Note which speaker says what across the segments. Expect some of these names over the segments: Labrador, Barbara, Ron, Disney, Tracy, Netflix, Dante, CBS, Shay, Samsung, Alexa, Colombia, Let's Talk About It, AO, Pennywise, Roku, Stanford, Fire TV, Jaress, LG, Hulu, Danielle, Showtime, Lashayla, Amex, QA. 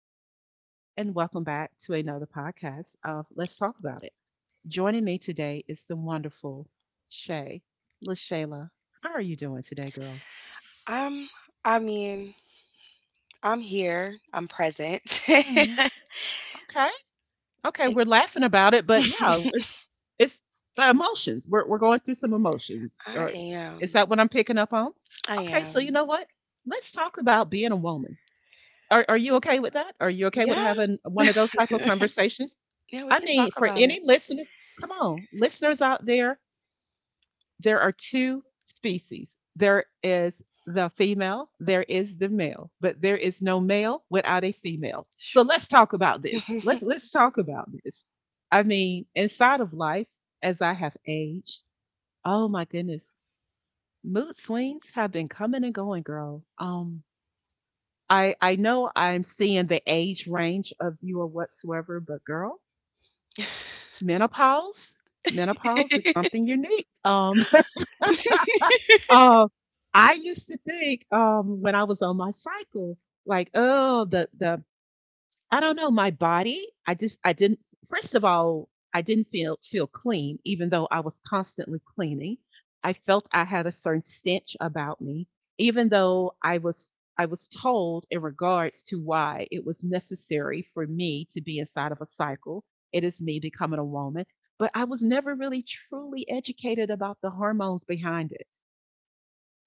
Speaker 1: Tracy, and welcome back to another podcast of Let's Talk About It. Joining me today is the wonderful Shay. LaShayla, how are you doing today, girl?
Speaker 2: Um, I mean, I'm here, I'm present.
Speaker 1: Hmm. Okay, okay, we're laughing about it, but yeah, it's emotions. We're going through some emotions.
Speaker 2: I
Speaker 1: Or is
Speaker 2: am,
Speaker 1: that what I'm picking up on?
Speaker 2: I
Speaker 1: Okay, so you
Speaker 2: am.
Speaker 1: know what? Let's talk about being a woman. Are you okay with that? Are you okay with
Speaker 2: Yeah.
Speaker 1: having one of those type of conversations?
Speaker 2: Yeah,
Speaker 1: I
Speaker 2: we can
Speaker 1: mean,
Speaker 2: talk
Speaker 1: for
Speaker 2: about
Speaker 1: any
Speaker 2: it.
Speaker 1: listeners, come on, listeners out there, there are two species. There is the female, there is the male, but there is no male without a female. So let's talk about this. Let's talk about this. I mean, inside of life, as I have aged, oh my goodness, mood swings have been coming and going, girl. I know I'm seeing the age range of you or whatsoever, but girl, menopause, menopause is something unique. Uh, I used to think when I was on my cycle, like, oh, the I don't know my body. I just I didn't first of all, I didn't feel clean even though I was constantly cleaning. I felt I had a certain stench about me even though I was told in regards to why it was necessary for me to be inside of a cycle. It is me becoming a woman, but I was never really truly educated about the hormones behind it.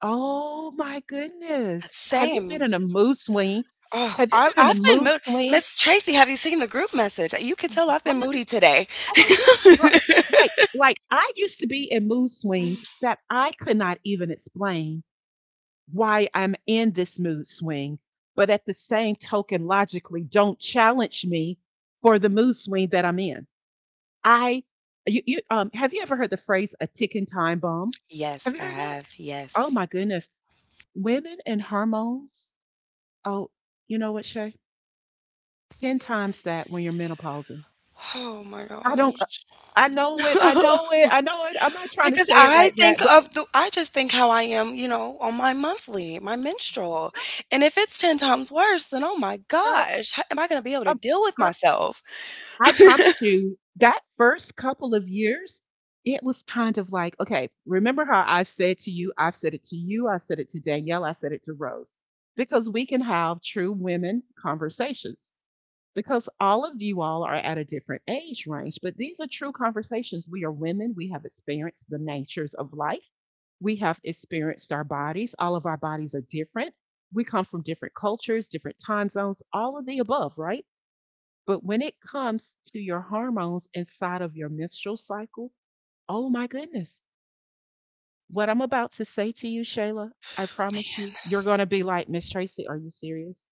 Speaker 1: Oh my goodness. Have you been
Speaker 2: Same.
Speaker 1: in a mood swing?
Speaker 2: Oh,
Speaker 1: Have you
Speaker 2: I
Speaker 1: been in a
Speaker 2: I've been
Speaker 1: mood
Speaker 2: mood
Speaker 1: swing?
Speaker 2: Miss Tracy, have you seen the group message? You can tell I've
Speaker 1: Oh
Speaker 2: been
Speaker 1: my
Speaker 2: moody today.
Speaker 1: Oh my goodness, girl. Like, I used to be in mood swings that I could not even explain why I'm in this mood swing. But at the same token, logically, don't challenge me for the mood swing that I'm in. I, have you ever heard the phrase a ticking time bomb?
Speaker 2: Yes,
Speaker 1: Have you
Speaker 2: I
Speaker 1: heard that?
Speaker 2: have.
Speaker 1: Oh
Speaker 2: Yes.
Speaker 1: my goodness. Women and hormones. Oh, you know what, Shay? 10 times that when you're menopausal.
Speaker 2: Oh my
Speaker 1: I don't.
Speaker 2: gosh.
Speaker 1: I know it. I know it. I know it. I'm not trying to
Speaker 2: Because
Speaker 1: say it like that, but
Speaker 2: I just think how I am, you know, on my monthly, my menstrual. And if it's 10 times worse, then oh my
Speaker 1: girl,
Speaker 2: gosh, how am I going to be able to
Speaker 1: um,
Speaker 2: deal with
Speaker 1: girl,
Speaker 2: myself?
Speaker 1: I promise you, that first couple of years, it was kind of like, okay, remember how I've said to you, I've said it to you, I said it to Danielle, I said it to Rose, because we can have true women conversations. Because all of you all are at a different age range, but these are true conversations. We are women. We have experienced the natures of life. We have experienced our bodies. All of our bodies are different. We come from different cultures, different time zones, all of the above, right? But when it comes to your hormones inside of your menstrual cycle, oh my goodness. What I'm about to say to you, Shayla, I promise you,
Speaker 2: Man,
Speaker 1: you're going to be like, "Miss Tracy, are you serious?"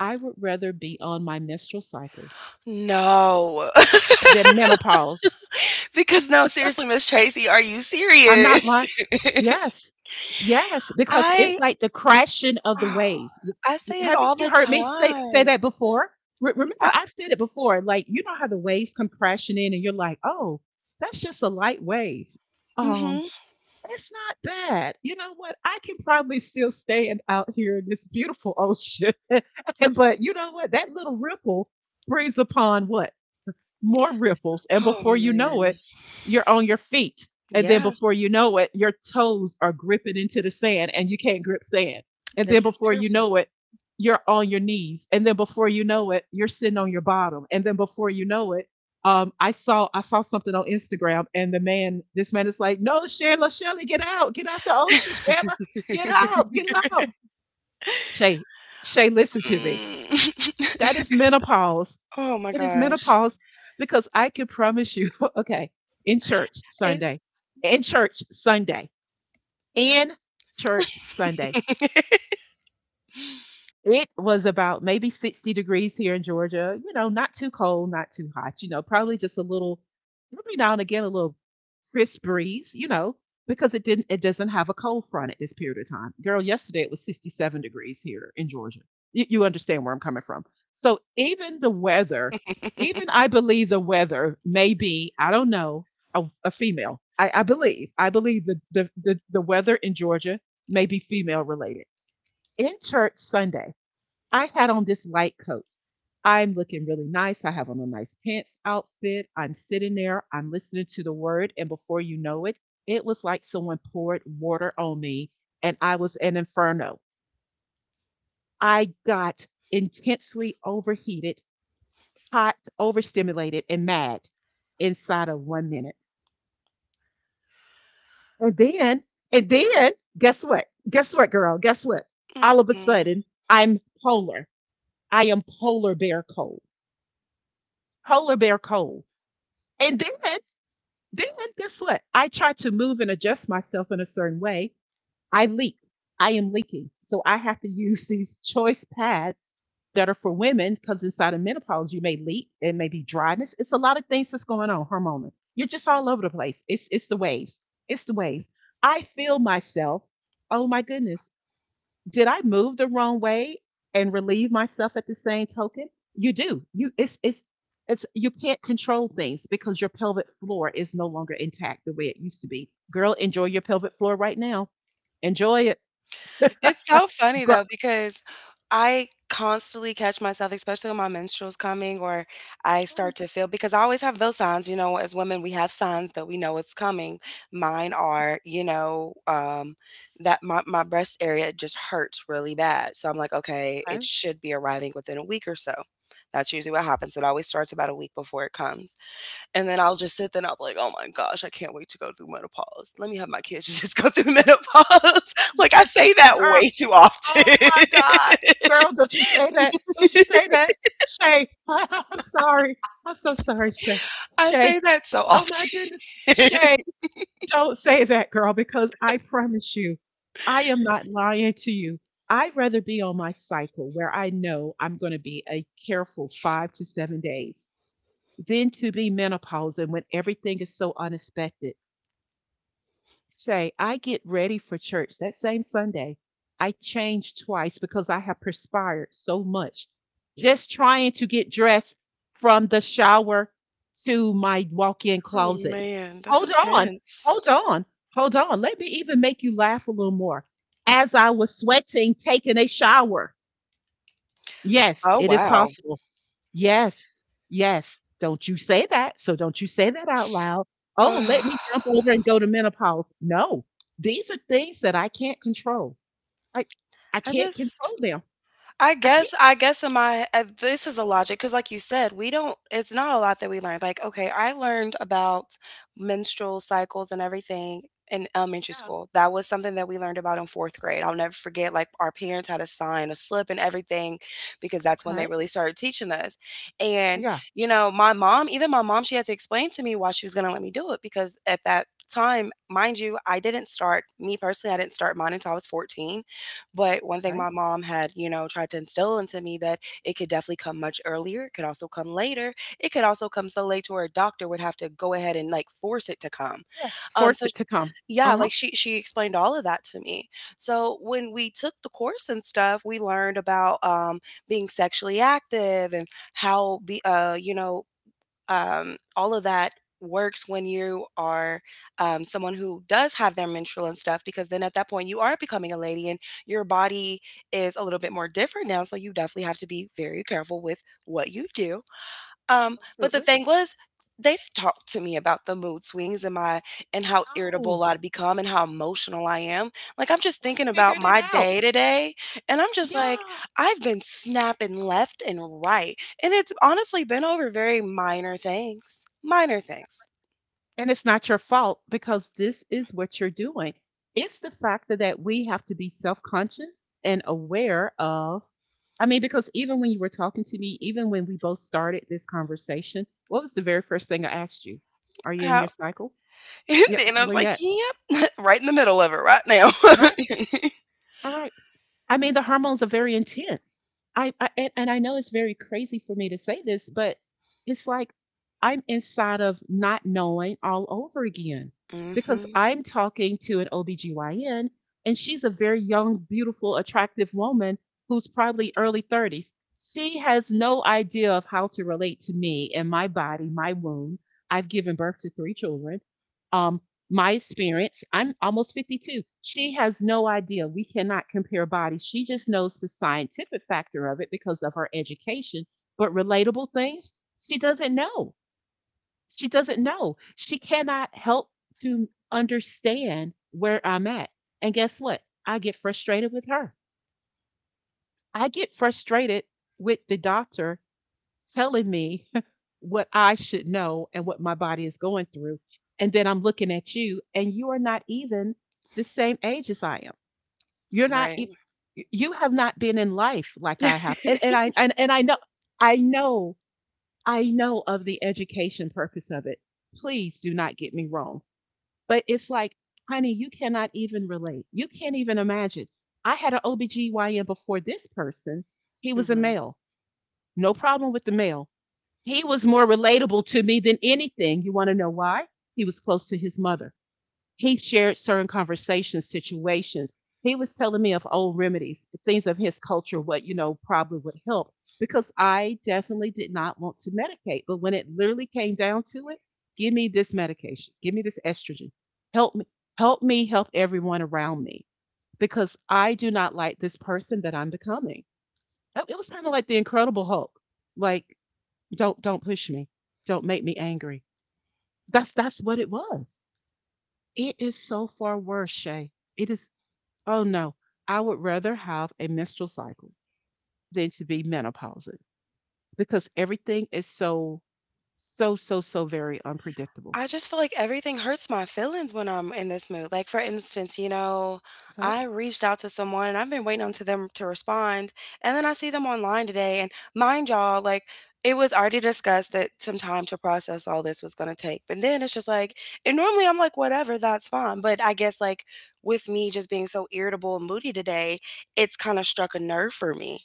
Speaker 1: I would rather be on my menstrual cycle
Speaker 2: no.
Speaker 1: than menopause.
Speaker 2: Because no, seriously, Miss Tracy, are you
Speaker 1: I'm not lying.
Speaker 2: serious?
Speaker 1: Yes. Yes, because it's
Speaker 2: I
Speaker 1: like the crashing of the waves.
Speaker 2: I say it all
Speaker 1: Haven't you
Speaker 2: the
Speaker 1: heard me say
Speaker 2: time.
Speaker 1: that before? Remember,
Speaker 2: I,
Speaker 1: I've said it before. Like, you know how the waves come crashing in, and you're like, "Oh, that's just a light wave. Um,
Speaker 2: mhm.
Speaker 1: it's not bad. You know what? I can probably still stand out here in this beautiful ocean." But you know what? That little ripple brings upon what more ripples. And
Speaker 2: Oh
Speaker 1: before you know
Speaker 2: man.
Speaker 1: it, you're on your feet. And then
Speaker 2: Yeah,
Speaker 1: before you know it, your toes are gripping into the sand and you can't grip sand. And then
Speaker 2: this is
Speaker 1: before
Speaker 2: true.
Speaker 1: you know it, you're on your knees. And then before you know it, you're sitting on your bottom. And then before you know it, I saw something on Instagram and this man is like, "No, Shayla, Shayla, get out the ocean, Shayla, get out, get out." Shay, Shay, listen to me.
Speaker 2: Mm.
Speaker 1: That is menopause.
Speaker 2: Oh my
Speaker 1: It is
Speaker 2: gosh.
Speaker 1: menopause because I can promise you, okay, in church
Speaker 2: It,
Speaker 1: Sunday, in church Sunday, in church Sunday, it was about maybe 60 degrees here in Georgia. You know, not too cold, not too hot. You know, probably just a little, every now and again, a little crisp breeze. You know, because it doesn't have a cold front at this period of time. Girl, yesterday it was 67 degrees here in Georgia. You understand where I'm coming from. So even the weather, even I believe the weather may be, I don't know, a female. I believe the weather in Georgia may be female related. In church Sunday, I had on this white coat. I'm looking really nice. I have on a nice pants outfit. I'm sitting there. I'm listening to the word. And before you know it, it was like someone poured water on me and I was an inferno. I got intensely overheated, hot, overstimulated, and mad inside of 1 minute. And then, and then, guess what? Guess what, girl? Guess what? All of a
Speaker 2: mm-mm.
Speaker 1: sudden, I'm polar. I am polar bear cold. Polar bear cold. And then, guess what? I try to move and adjust myself in a certain way. I leak. I am leaking. So I have to use these choice pads that are for women because inside of menopause, you may leak. It may be dryness. It's a lot of things that's going on hormonal. You're just all over the place. It's the waves. It's the waves. I feel myself. Oh my goodness, did I move the wrong way and relieve myself at the same token? You do. You it's you can't control things because your pelvic floor is no longer intact the way it used to be. Girl, enjoy your pelvic floor right now. Enjoy it.
Speaker 2: It's so funny
Speaker 1: Girl,
Speaker 2: though because I constantly catch myself, especially when my menstrual's coming or I start to
Speaker 1: yes,
Speaker 2: feel because I always have those signs, you know, as women we have signs that we know it's coming. Mine are, you know, that my breast area just hurts really bad. So I'm like, okay, it
Speaker 1: okay.
Speaker 2: should be arriving within a week or so. That's usually what happens. It always starts about a week before it comes. And then I'll just sit there and I'll be like, oh my gosh, I can't wait to go through menopause. Let me have my kids just go through menopause. Like, I
Speaker 1: Yes,
Speaker 2: say that
Speaker 1: girl,
Speaker 2: way too often.
Speaker 1: oh my God. Girl, don't you say that. Don't you say that. Shay. I'm sorry. I'm so sorry, Shay.
Speaker 2: I
Speaker 1: Shay.
Speaker 2: say that so
Speaker 1: Oh my
Speaker 2: often.
Speaker 1: goodness. Shay. Don't say that, girl, because I promise you, I am not lying to you. I'd rather be on my cycle where I know I'm going to be a careful 5 to 7 days than to be menopausal when everything is so unexpected. Shay, I get ready for church that same Sunday. I changed twice because I have perspired so much just trying to get dressed from the shower to my walk in
Speaker 2: Oh
Speaker 1: closet.
Speaker 2: man, that's
Speaker 1: Hold on,
Speaker 2: intense.
Speaker 1: hold on, hold on. Let me even make you laugh a little more. As I was sweating, taking a shower. Yes,
Speaker 2: Oh
Speaker 1: it is
Speaker 2: wow.
Speaker 1: possible. Yes, yes. Don't you say that. So don't you say that out loud. Oh,
Speaker 2: Ugh.
Speaker 1: let me jump over and go to menopause. No, these are things that I can't control. I I
Speaker 2: I
Speaker 1: can't
Speaker 2: just
Speaker 1: control them.
Speaker 2: I
Speaker 1: I can't.
Speaker 2: guess I guess in my this is a logic because, like you said, we don't. It's not a lot that we learned. Like, okay, I learned about menstrual cycles and everything in elementary
Speaker 1: Yeah.
Speaker 2: school. That was something that we learned about in fourth grade. I'll never forget. Like, our parents had to sign a slip and everything because that's when they
Speaker 1: Okay.
Speaker 2: really started teaching us. And
Speaker 1: Yeah.
Speaker 2: you know, even my mom, she had to explain to me why she was going to let me do it because at that time, mind you, I didn't start. Me personally, I didn't start mine until I was 14, but one thing
Speaker 1: Okay.
Speaker 2: my mom had, you know, tried to instill into me that it could definitely come much earlier, it could also come later, it could also come so late to where a doctor would have to go ahead and like force it to come.
Speaker 1: Yes.
Speaker 2: Um,
Speaker 1: Force
Speaker 2: so
Speaker 1: it to come.
Speaker 2: yeah,
Speaker 1: Uh huh.
Speaker 2: like she explained all of that to me. So when we took the course and stuff, we learned about being sexually active and how be you know all of that works when you are someone who does have their menstrual and stuff because then at that point you are becoming a lady and your body is a little bit more different now, so you definitely have to be very careful with what you do, but the
Speaker 1: Absolutely.
Speaker 2: thing was, they didn't talk to me about the mood swings and my and how irritable
Speaker 1: No,
Speaker 2: I'd become and how emotional I am. Like I'm just
Speaker 1: we
Speaker 2: thinking about
Speaker 1: figured it
Speaker 2: my
Speaker 1: out.
Speaker 2: day today and I'm just like,
Speaker 1: Yeah.
Speaker 2: I've been snapping left and right. And it's honestly been over very minor things. Minor things.
Speaker 1: And it's not your fault because this is what you're doing. It's the factor that we have to be self conscious and aware of. I mean, because even when you were talking to me, even when we both started this conversation, what was the very first thing I asked you? Are you in your
Speaker 2: How
Speaker 1: cycle? Yep.
Speaker 2: and I was
Speaker 1: Where you
Speaker 2: like,
Speaker 1: at?
Speaker 2: yep, right in the middle of it right now.
Speaker 1: All right. All right. I mean, the hormones are very intense. And I know it's very crazy for me to say this, but it's like I'm inside of not knowing all over again because
Speaker 2: Hmm.
Speaker 1: I'm talking to an OBGYN and she's a very young, beautiful, attractive woman who's probably early 30s. She has no idea of how to relate to me and my body, my womb. I've given birth to three children. Um, my experience, I'm almost 52. She has no idea. We cannot compare bodies. She just knows the scientific factor of it because of her education, but relatable things, she doesn't know. She doesn't know. She cannot help to understand where I'm at. And guess what? I get frustrated with her. I get frustrated with the doctor telling me what I should know and what my body is going through. And then I'm looking at you, and you are not even the same age as I am. You're not,
Speaker 2: Right.
Speaker 1: e- you have not been in life like I have. And I know, I know, I know of the education purpose of it. Please do not get me wrong. But it's like, honey, you cannot even relate. You can't even imagine. I had an OBGYN before this person. He was a
Speaker 2: Hmm.
Speaker 1: male. No problem with the male. He was more relatable to me than anything. You want to know why? He was close to his mother. He shared certain conversations, situations. He was telling me of old remedies, things of his culture, what, probably would help because I definitely did not want to medicate. But when it literally came down to it, give me this medication, give me this estrogen, help me, help me, help everyone around me because I do not like this person that I'm becoming. It was kind of like the Incredible Hulk. Like don't push me. Don't make me angry. That's what it was. It is so far worse, Shay. It is. Oh no. I would rather have a menstrual cycle than to be menopausal because everything is so so so so very unpredictable.
Speaker 2: I just feel like everything hurts my feelings when I'm in this mood. Like, for instance, you know,
Speaker 1: Okay?
Speaker 2: I reached out to someone and I've been waiting on to them to respond. And then I see them online today. And mind y'all, like, it was already discussed that some time to process all this was going to take. But then it's just like, and normally I'm like, whatever, that's fine. But I guess, like, with me just being so irritable and moody today, it's kind of struck a nerve for me.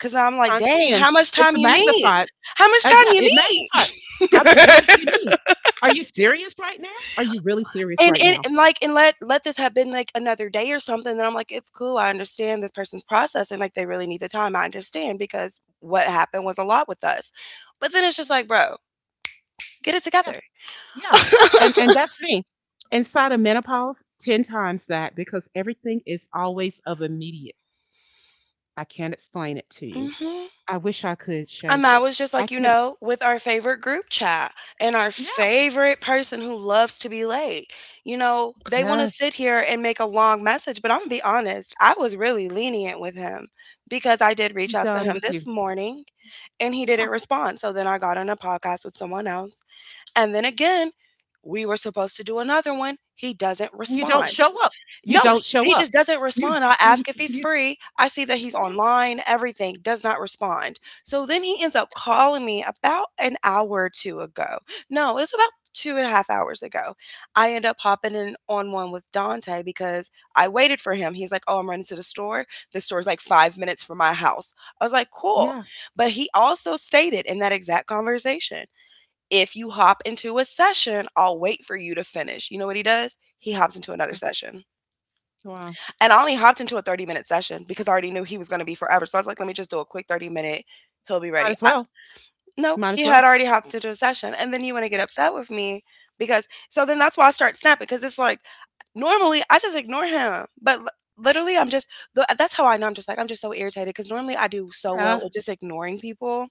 Speaker 2: Cause I'm like,
Speaker 1: Times
Speaker 2: dang,
Speaker 1: ten.
Speaker 2: how much
Speaker 1: It's
Speaker 2: time
Speaker 1: a
Speaker 2: you need?
Speaker 1: magnified.
Speaker 2: How much time
Speaker 1: Yeah,
Speaker 2: you
Speaker 1: it magnified.
Speaker 2: need?
Speaker 1: How much time do you need? Are you serious right now? Are you really serious
Speaker 2: And
Speaker 1: right
Speaker 2: and
Speaker 1: now?
Speaker 2: and, like, and let this have been, like, another day or something, then I'm like, "It's cool, I understand this person's processing, like, they really need the time, I understand because what happened was a lot with us." But then it's just
Speaker 1: Yeah,
Speaker 2: like, "Bro, get it
Speaker 1: yeah,
Speaker 2: together."
Speaker 1: yeah. And that's me. Inside of menopause, 10 times that because everything is always of immediate. I can't explain it to you.
Speaker 2: Mhm.
Speaker 1: I wish I could, Shay.
Speaker 2: And I was just
Speaker 1: I
Speaker 2: like, you
Speaker 1: can.
Speaker 2: know, with our favorite group chat and our
Speaker 1: Yeah.
Speaker 2: favorite person who loves to be late. You know, they want to sit
Speaker 1: Yes.
Speaker 2: here and make a long message, but I'm going to be honest, I was really lenient with him because I did reach
Speaker 1: I'm
Speaker 2: out to
Speaker 1: done
Speaker 2: him
Speaker 1: with
Speaker 2: this
Speaker 1: you.
Speaker 2: morning and he
Speaker 1: Yeah.
Speaker 2: didn't respond. So then I got on a podcast with someone else. And then again, we were supposed to do another one. He doesn't
Speaker 1: You don't
Speaker 2: respond.
Speaker 1: show up. You
Speaker 2: No,
Speaker 1: don't show
Speaker 2: he
Speaker 1: up.
Speaker 2: just doesn't
Speaker 1: You
Speaker 2: respond. I
Speaker 1: you,
Speaker 2: ask if he's
Speaker 1: you
Speaker 2: free. I see that he's
Speaker 1: yeah.
Speaker 2: online, everything, does not respond. So then he ends up calling me about an hour or two ago. No, it was about two and a half hours ago. I end up hopping in on one with Dante because I waited for him. He's like, oh, I'm running to the store. The store's like 5 minutes from my house. I was like, cool.
Speaker 1: Yeah.
Speaker 2: But he also stated in that exact conversation, if you hop into a session, I'll wait for you to finish. You know what he does? He hops into another
Speaker 1: Yeah.
Speaker 2: session.
Speaker 1: Wow.
Speaker 2: And I only hopped into a 30-minute session because I already knew he was going to be forever. So I was like, let me just do a quick 30 minute. He'll be
Speaker 1: Might
Speaker 2: ready.
Speaker 1: as
Speaker 2: I,
Speaker 1: well.
Speaker 2: nope.
Speaker 1: Might as
Speaker 2: He had
Speaker 1: well.
Speaker 2: already hopped into a session. And then you want to get upset with me because, so then that's why I start snapping because it's like, normally I just ignore him. Literally, I'm just, that's how I know. I'm just like, I'm just so irritated because normally I do so
Speaker 1: Yeah.
Speaker 2: well with just ignoring people.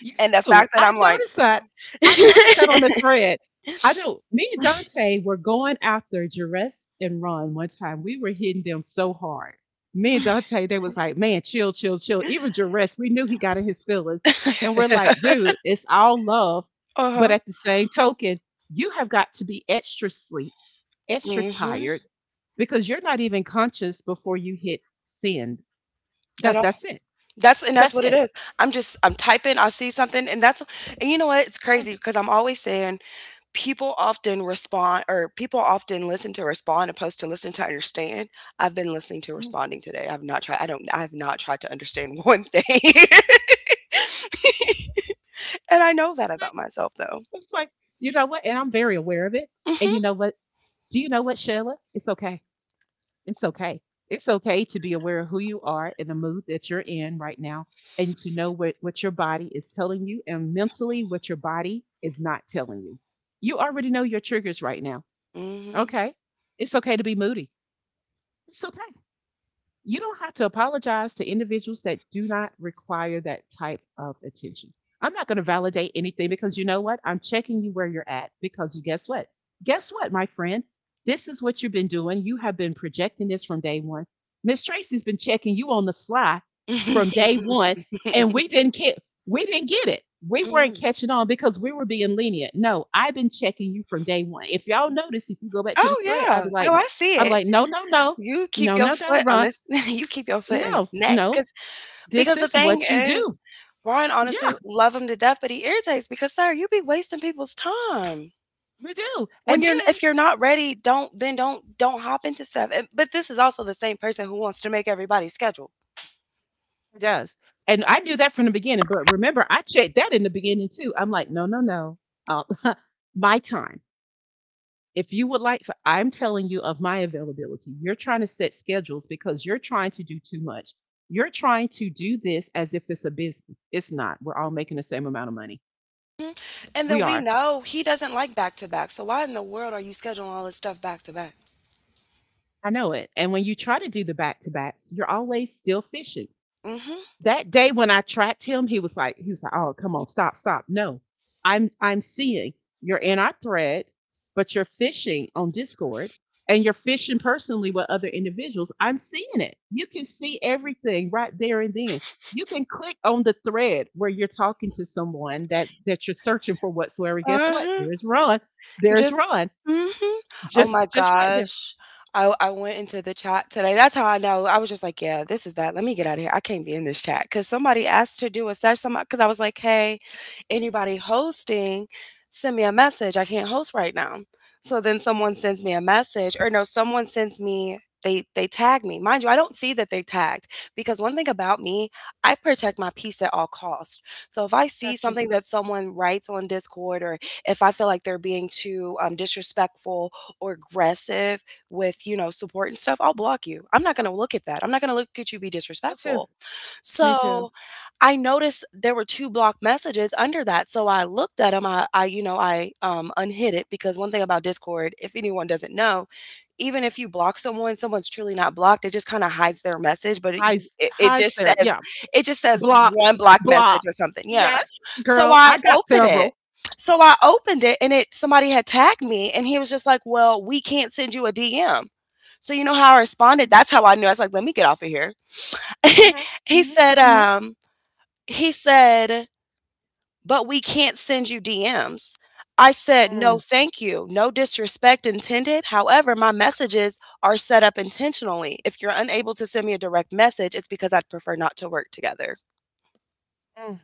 Speaker 1: You
Speaker 2: And the
Speaker 1: do.
Speaker 2: fact that
Speaker 1: I've
Speaker 2: I'm like,
Speaker 1: noticed that. I've noticed that on the thread. I know me and Dante were going after Jerez and Run one time. We were hitting them so hard. Me and Dante, they was like, man, chill, chill, chill. Even Jerez, we knew he got in his feelings. And we're like, dude, it's all love.
Speaker 2: uh
Speaker 1: But
Speaker 2: huh.
Speaker 1: at the same token, you have got to be extra sleep, extra
Speaker 2: Mm-hmm.
Speaker 1: tired, because you're not even conscious before you hit send.
Speaker 2: I
Speaker 1: That's
Speaker 2: don't.
Speaker 1: that's it.
Speaker 2: That's, and that's
Speaker 1: That's
Speaker 2: what it
Speaker 1: it.
Speaker 2: is. I'm just I'm typing. I see something, and that's and you know what? It's
Speaker 1: Mm,
Speaker 2: crazy because I'm always saying people often respond, or people often listen to respond opposed to listen to understand. I've been listening to
Speaker 1: mm.
Speaker 2: responding today. I have not tried to understand one thing. And I know that about myself though.
Speaker 1: It's like, you know what? And I'm very aware of it. And
Speaker 2: Mhm.
Speaker 1: you know what? Do you know what, Sheila? It's okay. It's okay. It's okay to be aware of who you are and the mood that you're in right now and to know what your body is telling you and mentally what your body is not telling you. You already know your triggers right now.
Speaker 2: Mhm.
Speaker 1: Okay. It's okay to be moody. It's okay. You don't have to apologize to individuals that do not require that type of attention. I'm not going to validate anything because you know what? I'm checking you where you're at because you guess what? Guess what, my friend? This is what you've been doing. You have been projecting this from day one. Miss Tracy's been checking you on the sly from day one, and we didn't get it. We weren't
Speaker 2: Mm.
Speaker 1: catching on because we were being lenient. No, I've been checking you from day one. If y'all notice, if you go back to the
Speaker 2: Oh
Speaker 1: thread, I'd
Speaker 2: yeah.
Speaker 1: be like,
Speaker 2: Oh, I see
Speaker 1: I'd be
Speaker 2: it.
Speaker 1: like, no, no, no,
Speaker 2: You keep
Speaker 1: no,
Speaker 2: your
Speaker 1: no, no,
Speaker 2: foot on
Speaker 1: Ron.
Speaker 2: this you keep your foot on
Speaker 1: No,
Speaker 2: his neck
Speaker 1: no.
Speaker 2: cuz
Speaker 1: This
Speaker 2: because the
Speaker 1: is
Speaker 2: thing
Speaker 1: what you
Speaker 2: is,
Speaker 1: do.
Speaker 2: Ryan,
Speaker 1: Yeah,
Speaker 2: honestly, love him to death, but he irritates because sir, you be wasting people's time.
Speaker 1: we do. And
Speaker 2: When you're,
Speaker 1: then
Speaker 2: if you're not ready, don't then don't hop into stuff. And, but this is also the same person who wants to make everybody's schedule.
Speaker 1: it does. And I knew that from the beginning. But remember, I checked that in the beginning too. I'm like, no, no, no. Uh, my time. If you would like, I'm telling you of my availability. You're trying to set schedules because you're trying to do too much. You're trying to do this as if it's a business. It's not. We're all making the same amount of money.
Speaker 2: And
Speaker 1: We
Speaker 2: then we
Speaker 1: are.
Speaker 2: know he doesn't like back to back. So why in the world are you scheduling all this stuff back to back?
Speaker 1: I know it. And when you try to do the back to backs, you're always still fishing.
Speaker 2: Mhm.
Speaker 1: That day when I tracked him, he was like, oh, come on, stop, stop. No, I'm seeing you're in our thread, but you're fishing on Discord and you're fishing personally with other individuals. I'm seeing it. You can see everything right there and then. You can click on the thread where you're talking to someone that you're searching for whatsoever. Guess what?
Speaker 2: Uh-huh.
Speaker 1: There's Ron. There's
Speaker 2: Just
Speaker 1: Ron.
Speaker 2: mhm. Oh
Speaker 1: Just
Speaker 2: my
Speaker 1: just right there.
Speaker 2: gosh. I went into the chat today. That's how I know. I was just like, yeah, this is bad. Let me get out of here. I can't be in this chat because somebody asked to do a session. Somebody, because I was like, hey, anybody hosting, send me a message. I can't host right now. So then someone sends me a message, or no, someone sends me. They tag me, mind you. I don't see that they tagged because one thing about me, I protect my peace at all costs. So if I see
Speaker 1: Got you.
Speaker 2: something that someone writes on Discord or if I feel like they're being too disrespectful or aggressive with, you know, support and stuff, I'll block you. I'm not going to look at that. I'm not going to look at you be
Speaker 1: Me too.
Speaker 2: disrespectful.
Speaker 1: Me
Speaker 2: So,
Speaker 1: too.
Speaker 2: I noticed there were 2 blocked messages under that, so I looked at 'em, you know, I, unhid it because one thing about Discord, if anyone doesn't know, even if you block someone, someone's truly not blocked, it just kinda hides their message, but it
Speaker 1: Hi,
Speaker 2: you it it
Speaker 1: hi,
Speaker 2: just
Speaker 1: Sarah.
Speaker 2: says,
Speaker 1: Yeah,
Speaker 2: it just says,
Speaker 1: blocked,
Speaker 2: 1 blocked message
Speaker 1: blocked.
Speaker 2: or something, yeah.
Speaker 1: Yes,
Speaker 2: So,
Speaker 1: girl,
Speaker 2: I
Speaker 1: I got
Speaker 2: opened it.
Speaker 1: several.
Speaker 2: So, I opened it and it somebody had tagged me and he was just like, "Well, we can't send you a DM." So, you know how I responded?
Speaker 1: Mm,
Speaker 2: That's how I knew, I was like, "Let me get off of here."
Speaker 1: mhm.
Speaker 2: He
Speaker 1: Mhm.
Speaker 2: said,
Speaker 1: Mhm.
Speaker 2: he said, but we can't send you DMs. I said, no,
Speaker 1: Mm,
Speaker 2: thank you. No disrespect intended. However, my messages are set up intentionally. If you're unable to send me a direct message, it's because I'd prefer not to work together.
Speaker 1: mm.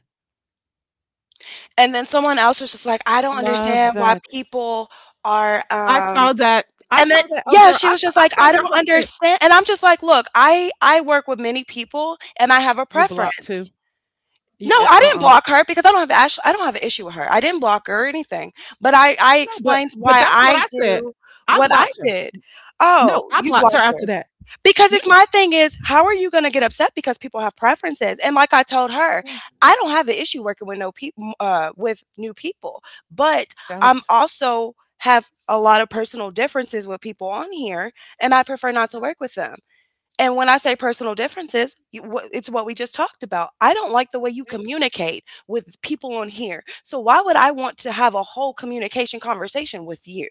Speaker 2: And then someone else was just like, I don't
Speaker 1: Love
Speaker 2: understand why
Speaker 1: that.
Speaker 2: people are
Speaker 1: I saw that. I
Speaker 2: and then
Speaker 1: saw that. Oh,
Speaker 2: yeah,
Speaker 1: girl,
Speaker 2: she
Speaker 1: I
Speaker 2: was
Speaker 1: saw,
Speaker 2: just
Speaker 1: I
Speaker 2: like,
Speaker 1: saw
Speaker 2: I
Speaker 1: your
Speaker 2: don't
Speaker 1: whole thread.
Speaker 2: understand. And I'm just like, look, I work with many people and I have a
Speaker 1: You blocked too.
Speaker 2: preference. No, I didn't
Speaker 1: Uh.
Speaker 2: block her because I don't have the I don't have an issue with her. I didn't block her or anything, but I
Speaker 1: No, but
Speaker 2: explained
Speaker 1: but
Speaker 2: why
Speaker 1: that's what
Speaker 2: I
Speaker 1: I said.
Speaker 2: do
Speaker 1: I
Speaker 2: what I
Speaker 1: blocked her.
Speaker 2: did.
Speaker 1: No,
Speaker 2: Oh,
Speaker 1: I
Speaker 2: you
Speaker 1: blocked her
Speaker 2: blocked her
Speaker 1: after that.
Speaker 2: because
Speaker 1: You.
Speaker 2: it's my thing. Is how are you gonna get upset because people have preferences? And like I told her,
Speaker 1: Yeah. No.
Speaker 2: I don't have an issue working with no people with new people, but I'm
Speaker 1: Don't.
Speaker 2: also have a lot of personal differences with people on here, and I prefer not to
Speaker 1: Uh,
Speaker 2: work with them. And when I say personal differences, it's what we just talked about. I don't like the way you
Speaker 1: yes,
Speaker 2: communicate with people on here. So why would I want to have a whole communication conversation with you?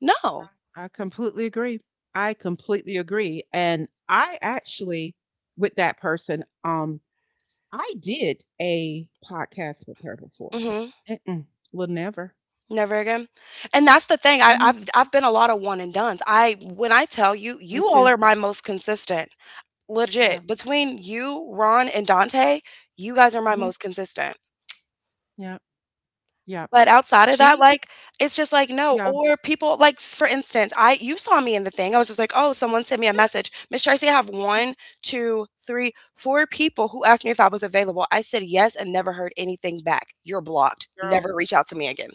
Speaker 2: No.
Speaker 1: I completely agree. I completely agree. And I actually, with that person, I did a podcast with her before.
Speaker 2: Hmm.
Speaker 1: Mm-mm. Will never.
Speaker 2: Never again. And that's the thing. I,
Speaker 1: Hmm.
Speaker 2: I've I've been a lot of one and done's. I when I tell you,
Speaker 1: Me
Speaker 2: you all
Speaker 1: too.
Speaker 2: are my most consistent.
Speaker 1: Yeah.
Speaker 2: Legit. Between you, Ron, and Dante, you guys are my
Speaker 1: Hmm.
Speaker 2: most consistent.
Speaker 1: Yeah. Yeah.
Speaker 2: But outside of that,
Speaker 1: She,
Speaker 2: like, it's just like, no.
Speaker 1: yeah,
Speaker 2: Or people like, s for instance, I you saw me in the thing. I was just like, "Oh, someone sent me a message." Miss Tracy, I have one, 2, 3, 4 people who asked me if I was available. I said yes and never heard anything back. "You're blocked. Never
Speaker 1: girl,
Speaker 2: reach out to me again."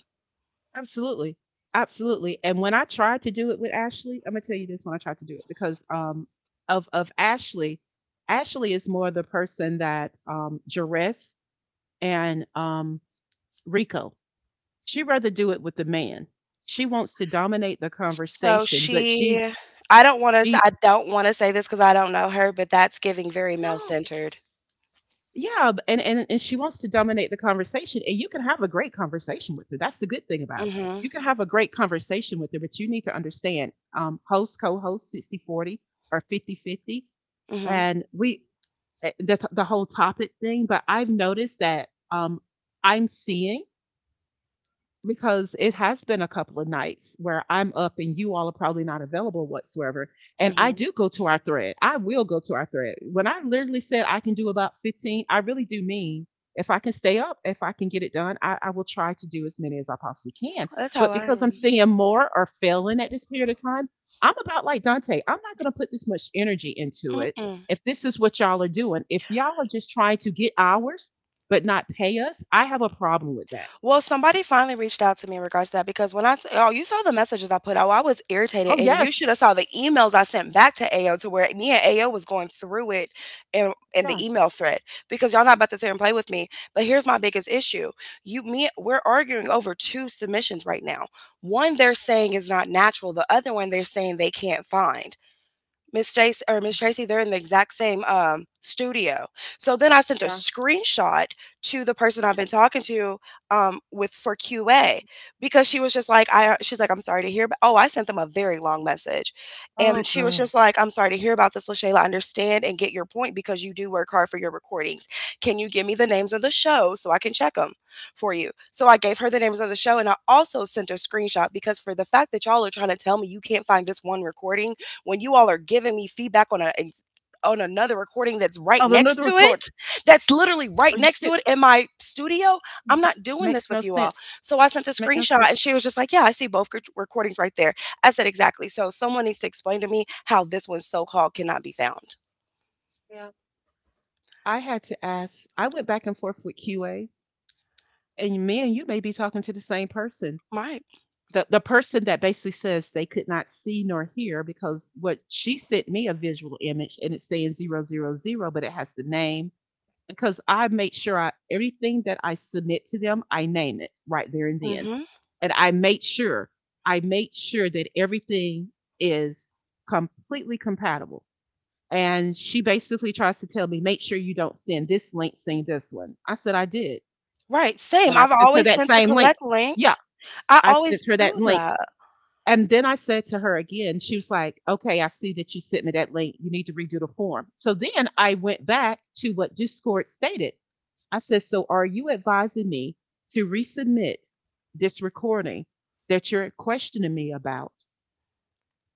Speaker 1: absolutely, absolutely. And when I tried to do it with Ashley, I'm gonna tell you this: when I tried to do it, because of Ashley, Ashley is more the person that Jerez and Rico. She rather do it with the man. She wants to dominate the
Speaker 2: So
Speaker 1: conversation, but she's
Speaker 2: she I don't wanna to I
Speaker 1: she
Speaker 2: I don't wanna say this because I don't know her, but that's giving very
Speaker 1: no.
Speaker 2: male-centered.
Speaker 1: Yeah. And she wants to dominate the conversation, and you can have a great conversation with her. That's the good thing about it.
Speaker 2: Mhm,
Speaker 1: You can have a great conversation with her, but you need to understand host, co-host, 60/40 or 50/50,
Speaker 2: mhm,
Speaker 1: and we the whole topic thing. But I've noticed that I'm seeing, because it has been a couple of nights where I'm up and you all are probably not available whatsoever. And I
Speaker 2: mhm.
Speaker 1: do go to our thread. I will go to our thread. When I literally said I can do about 15, I really do mean if I can stay up, if I can get it done, I will try to do as many as I possibly can.
Speaker 2: That's how
Speaker 1: But
Speaker 2: I
Speaker 1: because I'm
Speaker 2: am.
Speaker 1: seeing more or failing at this period of time, I'm about like Dante. I'm not going to put this much energy into it.
Speaker 2: Mm-mm.
Speaker 1: If this is what y'all are doing, if y'all are just trying to get hours but not pay us, I have a problem with that.
Speaker 2: Well, somebody finally reached out to me in regards to that because oh, you saw the messages I put out. I was irritated,
Speaker 1: Oh,
Speaker 2: and you
Speaker 1: yes.
Speaker 2: should have saw the emails I sent back to AO to where me and AO was going through it in
Speaker 1: Yeah,
Speaker 2: the email thread because y'all not about to sit here and play with me. But here's my biggest issue: you, me, we're arguing over two submissions right now. One they're saying is not natural. The other one they're saying they can't find. Miss Jace or Miss Tracy, they're in the exact same studio. So then I sent a
Speaker 1: yeah.
Speaker 2: screenshot to the person I've been talking to with for QA
Speaker 1: Mhm.
Speaker 2: because she was just like, I she's like, I'm sorry to hear, but oh, I sent them a very long message, and
Speaker 1: Oh,
Speaker 2: she was
Speaker 1: girl.
Speaker 2: just like, I'm sorry to hear about this, Lashayla. I understand and get your point because you do work hard for your recordings. Can you give me the names of the show so I can check them for you? So I gave her the names of the show, and I also sent a screenshot because for the fact that y'all are trying to tell me you can't find this one recording when you all are giving me feedback on a on another recording that's right
Speaker 1: Oh, the
Speaker 2: next
Speaker 1: another
Speaker 2: to
Speaker 1: record.
Speaker 2: it, that's literally right
Speaker 1: Are you
Speaker 2: next to it
Speaker 1: kidding?
Speaker 2: in my studio, I'm not doing this
Speaker 1: Makes
Speaker 2: with
Speaker 1: no
Speaker 2: you all.
Speaker 1: sense.
Speaker 2: So I sent a
Speaker 1: Make no
Speaker 2: screenshot and
Speaker 1: sense.
Speaker 2: she was just like, yeah, I see both recordings right there. I said, exactly. So someone needs to explain to me how this one so called cannot be found.
Speaker 1: Yeah. I had to ask, I went back and forth with QA, and me and you may be talking to the same person.
Speaker 2: Right.
Speaker 1: The person that basically says they could not see nor hear because what she sent me a visual image and it's saying 000, but it has the name because I make sure I everything that I submit to them, I name it right there and then.
Speaker 2: Hmm.
Speaker 1: And I made sure that everything is completely compatible. And she basically tries to tell me, make sure you don't send this link, send this one. I said I did,
Speaker 2: Right. Same.
Speaker 1: and I
Speaker 2: I've
Speaker 1: sent her
Speaker 2: always
Speaker 1: that
Speaker 2: sent the
Speaker 1: same link.
Speaker 2: correct
Speaker 1: Yeah,
Speaker 2: links. I
Speaker 1: I
Speaker 2: always
Speaker 1: sent her
Speaker 2: do
Speaker 1: that link,
Speaker 2: that.
Speaker 1: and then I said to her again. She was like, "Okay, I see that you sent me that link. You need to redo the form." So then I went back to what Discord stated. I said, so are you advising me to resubmit this recording that you're questioning me about?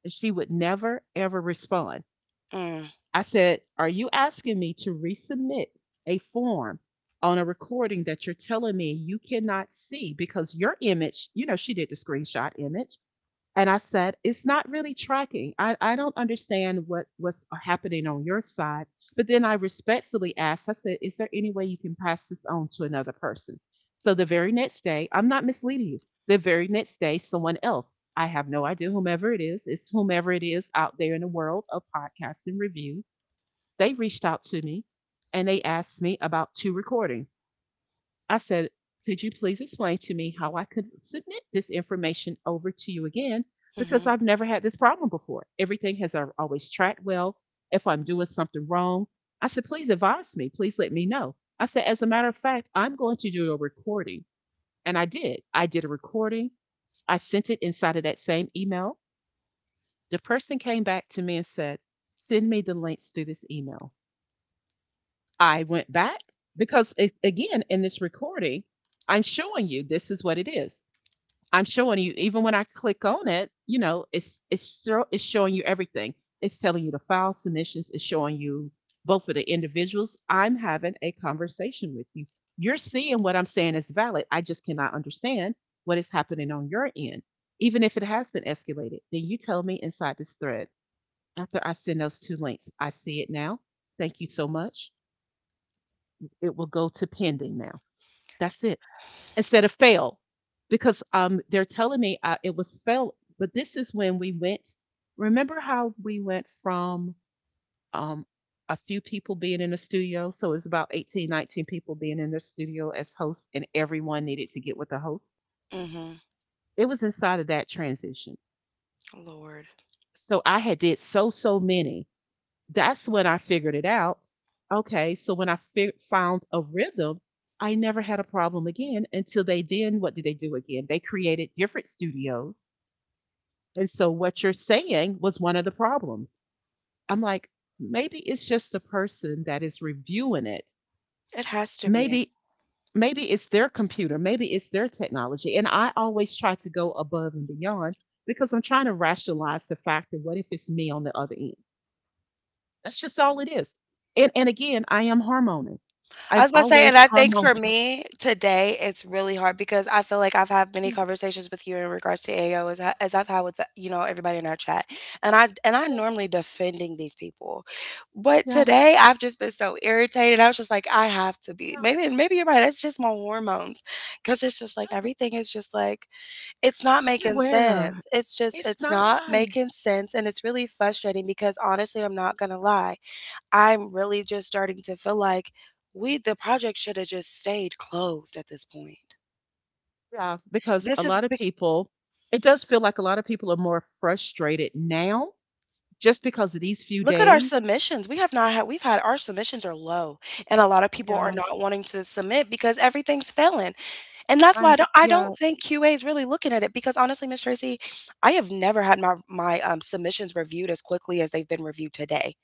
Speaker 1: And she would never, ever respond.
Speaker 2: Mm.
Speaker 1: I said, are you asking me to resubmit a form on a recording that you're telling me you cannot see because your image, she did the screenshot image, and I said, it's not really tracking. I don't understand what's happening on your side. But then I respectfully asked, I said, is there any way you can pass this on to another person? So the very next day, I'm not misleading you. The very next day, someone else, I have no idea whomever it is, it's whomever it is out there in the world of podcasting review. They reached out to me and they asked me about two recordings. I said, could you please explain to me how I could submit this information over to you again? Because
Speaker 2: Hmm.
Speaker 1: I've never had this problem before. Everything has always tracked well. If I'm doing something wrong, I said, please advise me. Please let me know. I said, as a matter of fact, I'm going to do a recording. And I did. I did a recording. I sent it inside of that same email. The person came back to me and said, send me the links through this email. I went back because again in this recording, I'm showing you this is what it is. I'm showing you even when I click on it, it's showing you everything. It's telling you the file submissions. It's showing you both of the individuals. I'm having a conversation with you. You're seeing what I'm saying is valid. I just cannot understand what is happening on your end, even if it has been escalated. Then you tell me inside this thread after I send those two links. I see it now. Thank you so much it will go to pending now. That's it. Instead of fail, because they're telling me it was fail. But this is when we went. Remember how we went from um, a few people being in the studio? So it's about 18, 19 people being in the studio as hosts, and everyone needed to get with the host.
Speaker 2: Hmm.
Speaker 1: It was inside of that transition.
Speaker 2: Lord.
Speaker 1: So I had did so many. That's when I figured it out. Okay, so when I found a rhythm, I never had a problem again until they, then what did they do again? They created different studios. And so what you're saying was one of the problems. I'm like, maybe it's just the person that is reviewing it.
Speaker 2: It has to be.
Speaker 1: Maybe maybe it's their computer, maybe it's their technology. And I always try to go above and beyond because I'm trying to rationalize the fact that what if it's me on the other end? That's just all it is. And again, I am hormonal.
Speaker 2: I
Speaker 1: I'm
Speaker 2: was about to say, and
Speaker 1: always
Speaker 2: I think
Speaker 1: hormonal.
Speaker 2: for me today, it's really hard because I feel like I've had many
Speaker 1: Yeah,
Speaker 2: conversations with you in regards to AO as, I, as I've had with the, you know everybody in our chat, and I
Speaker 1: yeah,
Speaker 2: normally defending these people, but
Speaker 1: yeah,
Speaker 2: today I've just been so irritated. I was just like, I have to be. Maybe you're right. It's just my hormones, because it's just like
Speaker 1: yeah,
Speaker 2: everything is just like it's not
Speaker 1: yeah.
Speaker 2: making
Speaker 1: Everywhere.
Speaker 2: sense. It's just
Speaker 1: It's
Speaker 2: it's not
Speaker 1: not.
Speaker 2: making sense, and it's really frustrating because honestly, I'm not gonna lie. I'm really just starting to feel like we the project should have just stayed closed at this point.
Speaker 1: Yeah, because a
Speaker 2: This is
Speaker 1: lot of
Speaker 2: big.
Speaker 1: people, it does feel like a lot of people are more frustrated now just because of these few
Speaker 2: Look at our
Speaker 1: days.
Speaker 2: submissions. We have not had we've had our submissions are low, and a lot of people are
Speaker 1: Yeah.
Speaker 2: not wanting to submit because everything's failing, and that's why I
Speaker 1: I'm
Speaker 2: don't I
Speaker 1: Yeah,
Speaker 2: don't think QA is really looking at it because honestly, Miss Tracy, I have never had my submissions reviewed as quickly as they've been reviewed today.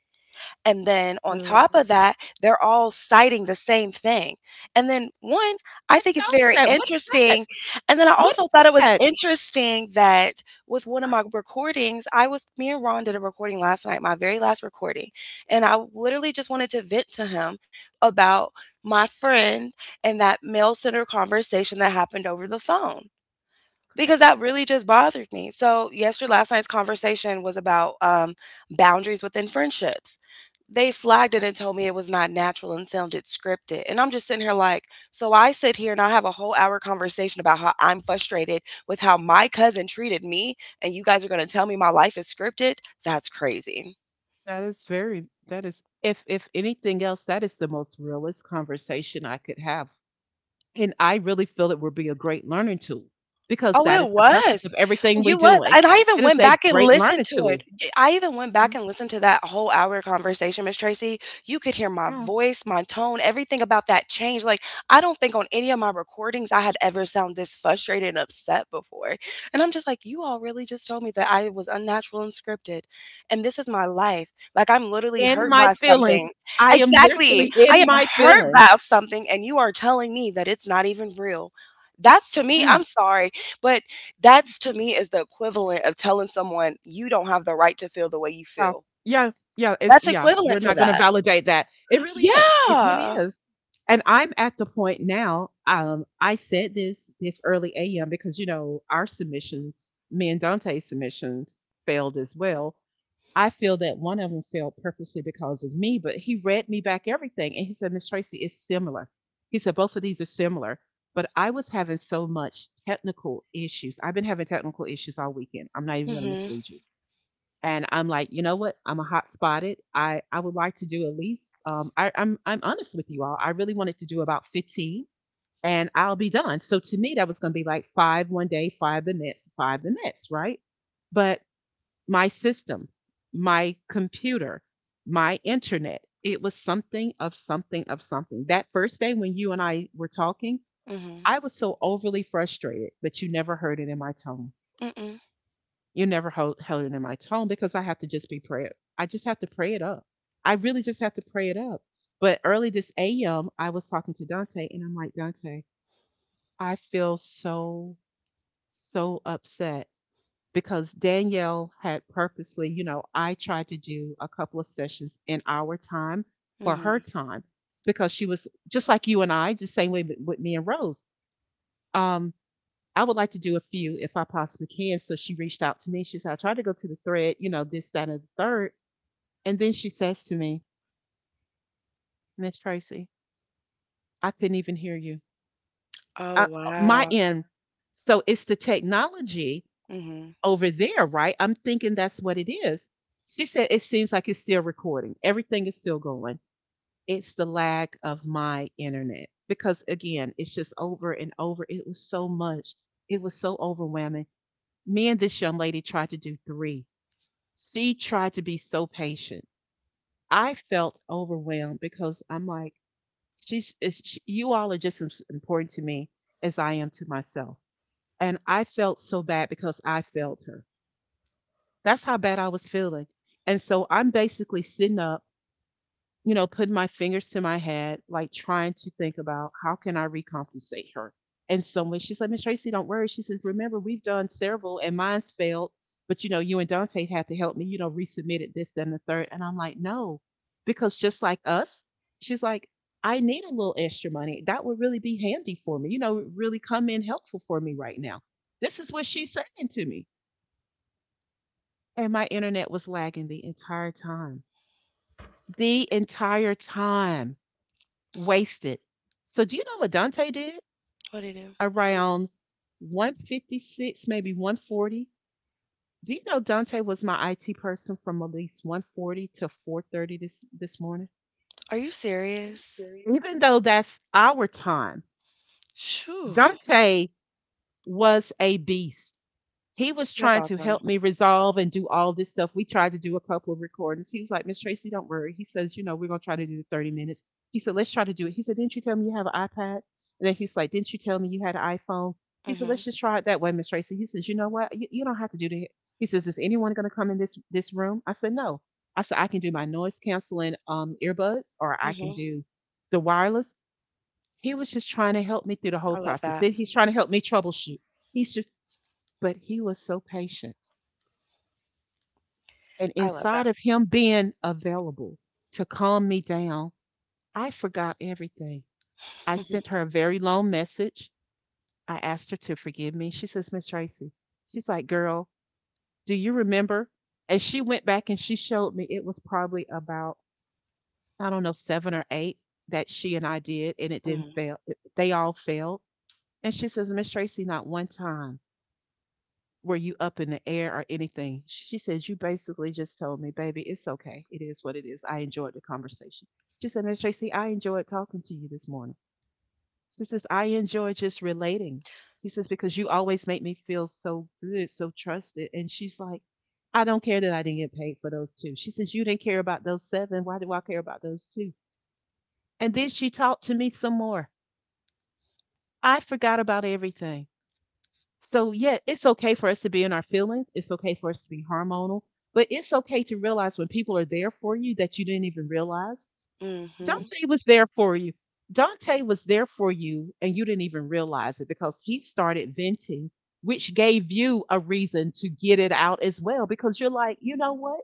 Speaker 2: And then on
Speaker 1: too.
Speaker 2: top of that, they're all citing the same thing. And then one, I
Speaker 1: I
Speaker 2: think it's
Speaker 1: noticed
Speaker 2: very
Speaker 1: that. What is that?
Speaker 2: interesting. And then I
Speaker 1: What
Speaker 2: also thought
Speaker 1: is
Speaker 2: it was
Speaker 1: that?
Speaker 2: interesting that with one of my recordings, I was me and Ron did a recording last night, my very last recording. And I literally just wanted to vent to him about my friend and that mail center conversation that happened over the phone
Speaker 1: Okay,
Speaker 2: because that really just bothered me. So, yesterday, last night's conversation was about boundaries within friendships. They flagged it
Speaker 1: okay.
Speaker 2: and told me it was not natural and sounded scripted. And I'm just sitting here like, so I sit here and I have a whole hour conversation about how I'm frustrated with how my cousin treated me, and you guys are going to tell me my life is scripted? That's crazy.
Speaker 1: That is, if anything else, that is the most realist conversation I could have. And I really feel it would be a great learning tool because
Speaker 2: Oh,
Speaker 1: that
Speaker 2: it
Speaker 1: is the purpose
Speaker 2: was.
Speaker 1: of everything we're
Speaker 2: You was.
Speaker 1: doing.
Speaker 2: And I even
Speaker 1: It is
Speaker 2: went
Speaker 1: a
Speaker 2: back and
Speaker 1: great
Speaker 2: listened
Speaker 1: learning
Speaker 2: to it.
Speaker 1: tool.
Speaker 2: Y I even went back and listened to that whole hour conversation, Miss Tracy. You could hear my
Speaker 1: Yeah.
Speaker 2: voice, my tone, everything about that changed. Like, I don't think on any of my recordings I had ever sound this frustrated and upset before. And I'm just like, you all really just told me that I was unnatural and scripted. And this is my life. Like, I'm literally
Speaker 1: In
Speaker 2: hurt
Speaker 1: my
Speaker 2: by
Speaker 1: feelings.
Speaker 2: something.
Speaker 1: I am
Speaker 2: Exactly.
Speaker 1: literally
Speaker 2: I
Speaker 1: in
Speaker 2: am
Speaker 1: my
Speaker 2: hurt
Speaker 1: feelings.
Speaker 2: by something, and you are telling me that it's not even real. That's to me, I'm
Speaker 1: Mm,
Speaker 2: sorry. But that's to me is the equivalent of telling someone you don't have the right to feel the way you
Speaker 1: so,
Speaker 2: feel.
Speaker 1: yeah, yeah, it's
Speaker 2: That's
Speaker 1: yeah, we're
Speaker 2: equivalent to
Speaker 1: not gonna
Speaker 2: that.
Speaker 1: validate that. It really is. It really
Speaker 2: Yeah.
Speaker 1: is. And I'm at the point now, I said this early AM because, you know, our submissions, me and Dante's submissions failed as well. I feel that one of them failed purposely because of me, but he read me back everything. And he said, Miss Tracy, it's similar. He said, both of these are similar. But I was having so much technical issues. I've been having technical issues all weekend. I'm not even going to
Speaker 2: Mhm.
Speaker 1: mislead you. And I'm like, you know what? I'm a hot spotted. I would like to do at least, I'm honest with you all. I really wanted to do about 15 and I'll be done. So to me, that was going to be like five one day, five the next, right? But my system, my computer, my internet. It was something of something of something. That first day when you and I were talking,
Speaker 2: Mhm.
Speaker 1: I was so overly frustrated, but you never heard it in my tone.
Speaker 2: Mm-mm.
Speaker 1: You never held it in my tone because I have to just be prayer. I just have to pray it up. I really just have to pray it up. But early this AM, I was talking to Dante and I'm like, Dante, I feel so, so upset because Danielle had purposely, you know, I tried to do a couple of sessions in our time for her
Speaker 2: Mhm.
Speaker 1: time because she was just like you and I, just same way with, me and Rose. Um, I would like to do a few if I possibly can. So she reached out to me. She said, I tried to go to the thread, you know, this, that, and the third. And then she says to me, Miss Tracy, I couldn't even hear you.
Speaker 2: Oh
Speaker 1: My
Speaker 2: wow.
Speaker 1: end. So it's the technology
Speaker 2: Mhm.
Speaker 1: over there, right? I'm thinking that's what it is. She said, it seems like it's still recording. Everything is still going. It's the lag of my internet. Because again, it's just over and over. It was so much. It was so overwhelming. Me and this young lady tried to do three. She tried to be so patient. I felt overwhelmed because I'm like, you all are just as important to me as I am to myself. And I felt so bad because I failed her. That's how bad I was feeling. And so I'm basically sitting up, you know, putting my fingers to my head, like trying to think about how can I recompensate her. And so when she said, Miss Tracy, don't worry. She says, remember, we've done several and mine's failed. But, you know, you and Dante had to help me, you know, resubmitted this, then the third. And I'm like, no, because just like us, she's like, I need a little extra money. That would really be handy for me, you know, really come in helpful for me right now. This is what she's saying to me. And my internet was lagging the entire time. The entire time wasted. So do you know what Dante did?
Speaker 2: What do you do?
Speaker 1: Around 1:56, maybe 1:40. Do you know Dante was my IT person from at least 1:40 to 4:30 this morning?
Speaker 2: Are you serious?
Speaker 1: Even though that's our time,
Speaker 2: Shoo.
Speaker 1: Dante was a beast. He was
Speaker 2: That's
Speaker 1: trying to
Speaker 2: awesome.
Speaker 1: help me resolve and do all this stuff. We tried to do a couple of recordings. He was like, Miss Tracy, don't worry. He says, you know, we're gonna try to do the 30 minutes. He said, let's try to do it. He said, didn't you tell me you have an iPad? And then he's like, didn't you tell me you had an iPhone? He said, let's
Speaker 2: Mhm.
Speaker 1: just try it that way, Miss Tracy. He says, you know what? You don't have to do that. He says, is anyone gonna come in this room? I said, no. I said, I can do my noise canceling earbuds, or I can
Speaker 2: Mhm.
Speaker 1: do the wireless. He was just trying to help me through the whole
Speaker 2: I love
Speaker 1: process.
Speaker 2: that.
Speaker 1: Then he's trying to help me troubleshoot. He's just But he was so patient. And
Speaker 2: I love
Speaker 1: inside
Speaker 2: that.
Speaker 1: of him being available to calm me down, I forgot everything. I
Speaker 2: Mhm.
Speaker 1: sent her a very long message. I asked her to forgive me. She says, Miss Tracy, she's like, girl, do you remember? And she went back and she showed me it was probably about, I don't know, seven or eight that she and I did, and it didn't
Speaker 2: Mhm.
Speaker 1: fail. They all failed. And she says, Miss Tracy, not one time were you up in the air or anything? She says, you basically just told me, baby, it's okay. It is what it is. I enjoyed the conversation. She said, Miss Tracy, I enjoyed talking to you this morning. She says, I enjoy just relating. She says, because you always make me feel so good, so trusted. And she's like, I don't care that I didn't get paid for those two. She says, you didn't care about those seven. Why do I care about those two? And then she talked to me some more. I forgot about everything. So, yeah, it's okay for us to be in our feelings. It's okay for us to be hormonal, but it's okay to realize when people are there for you that you didn't even realize.
Speaker 2: Mhm.
Speaker 1: Dante was there for you. Dante was there for you, and you didn't even realize it because he started venting, which gave you a reason to get it out as well because you're like, you know what?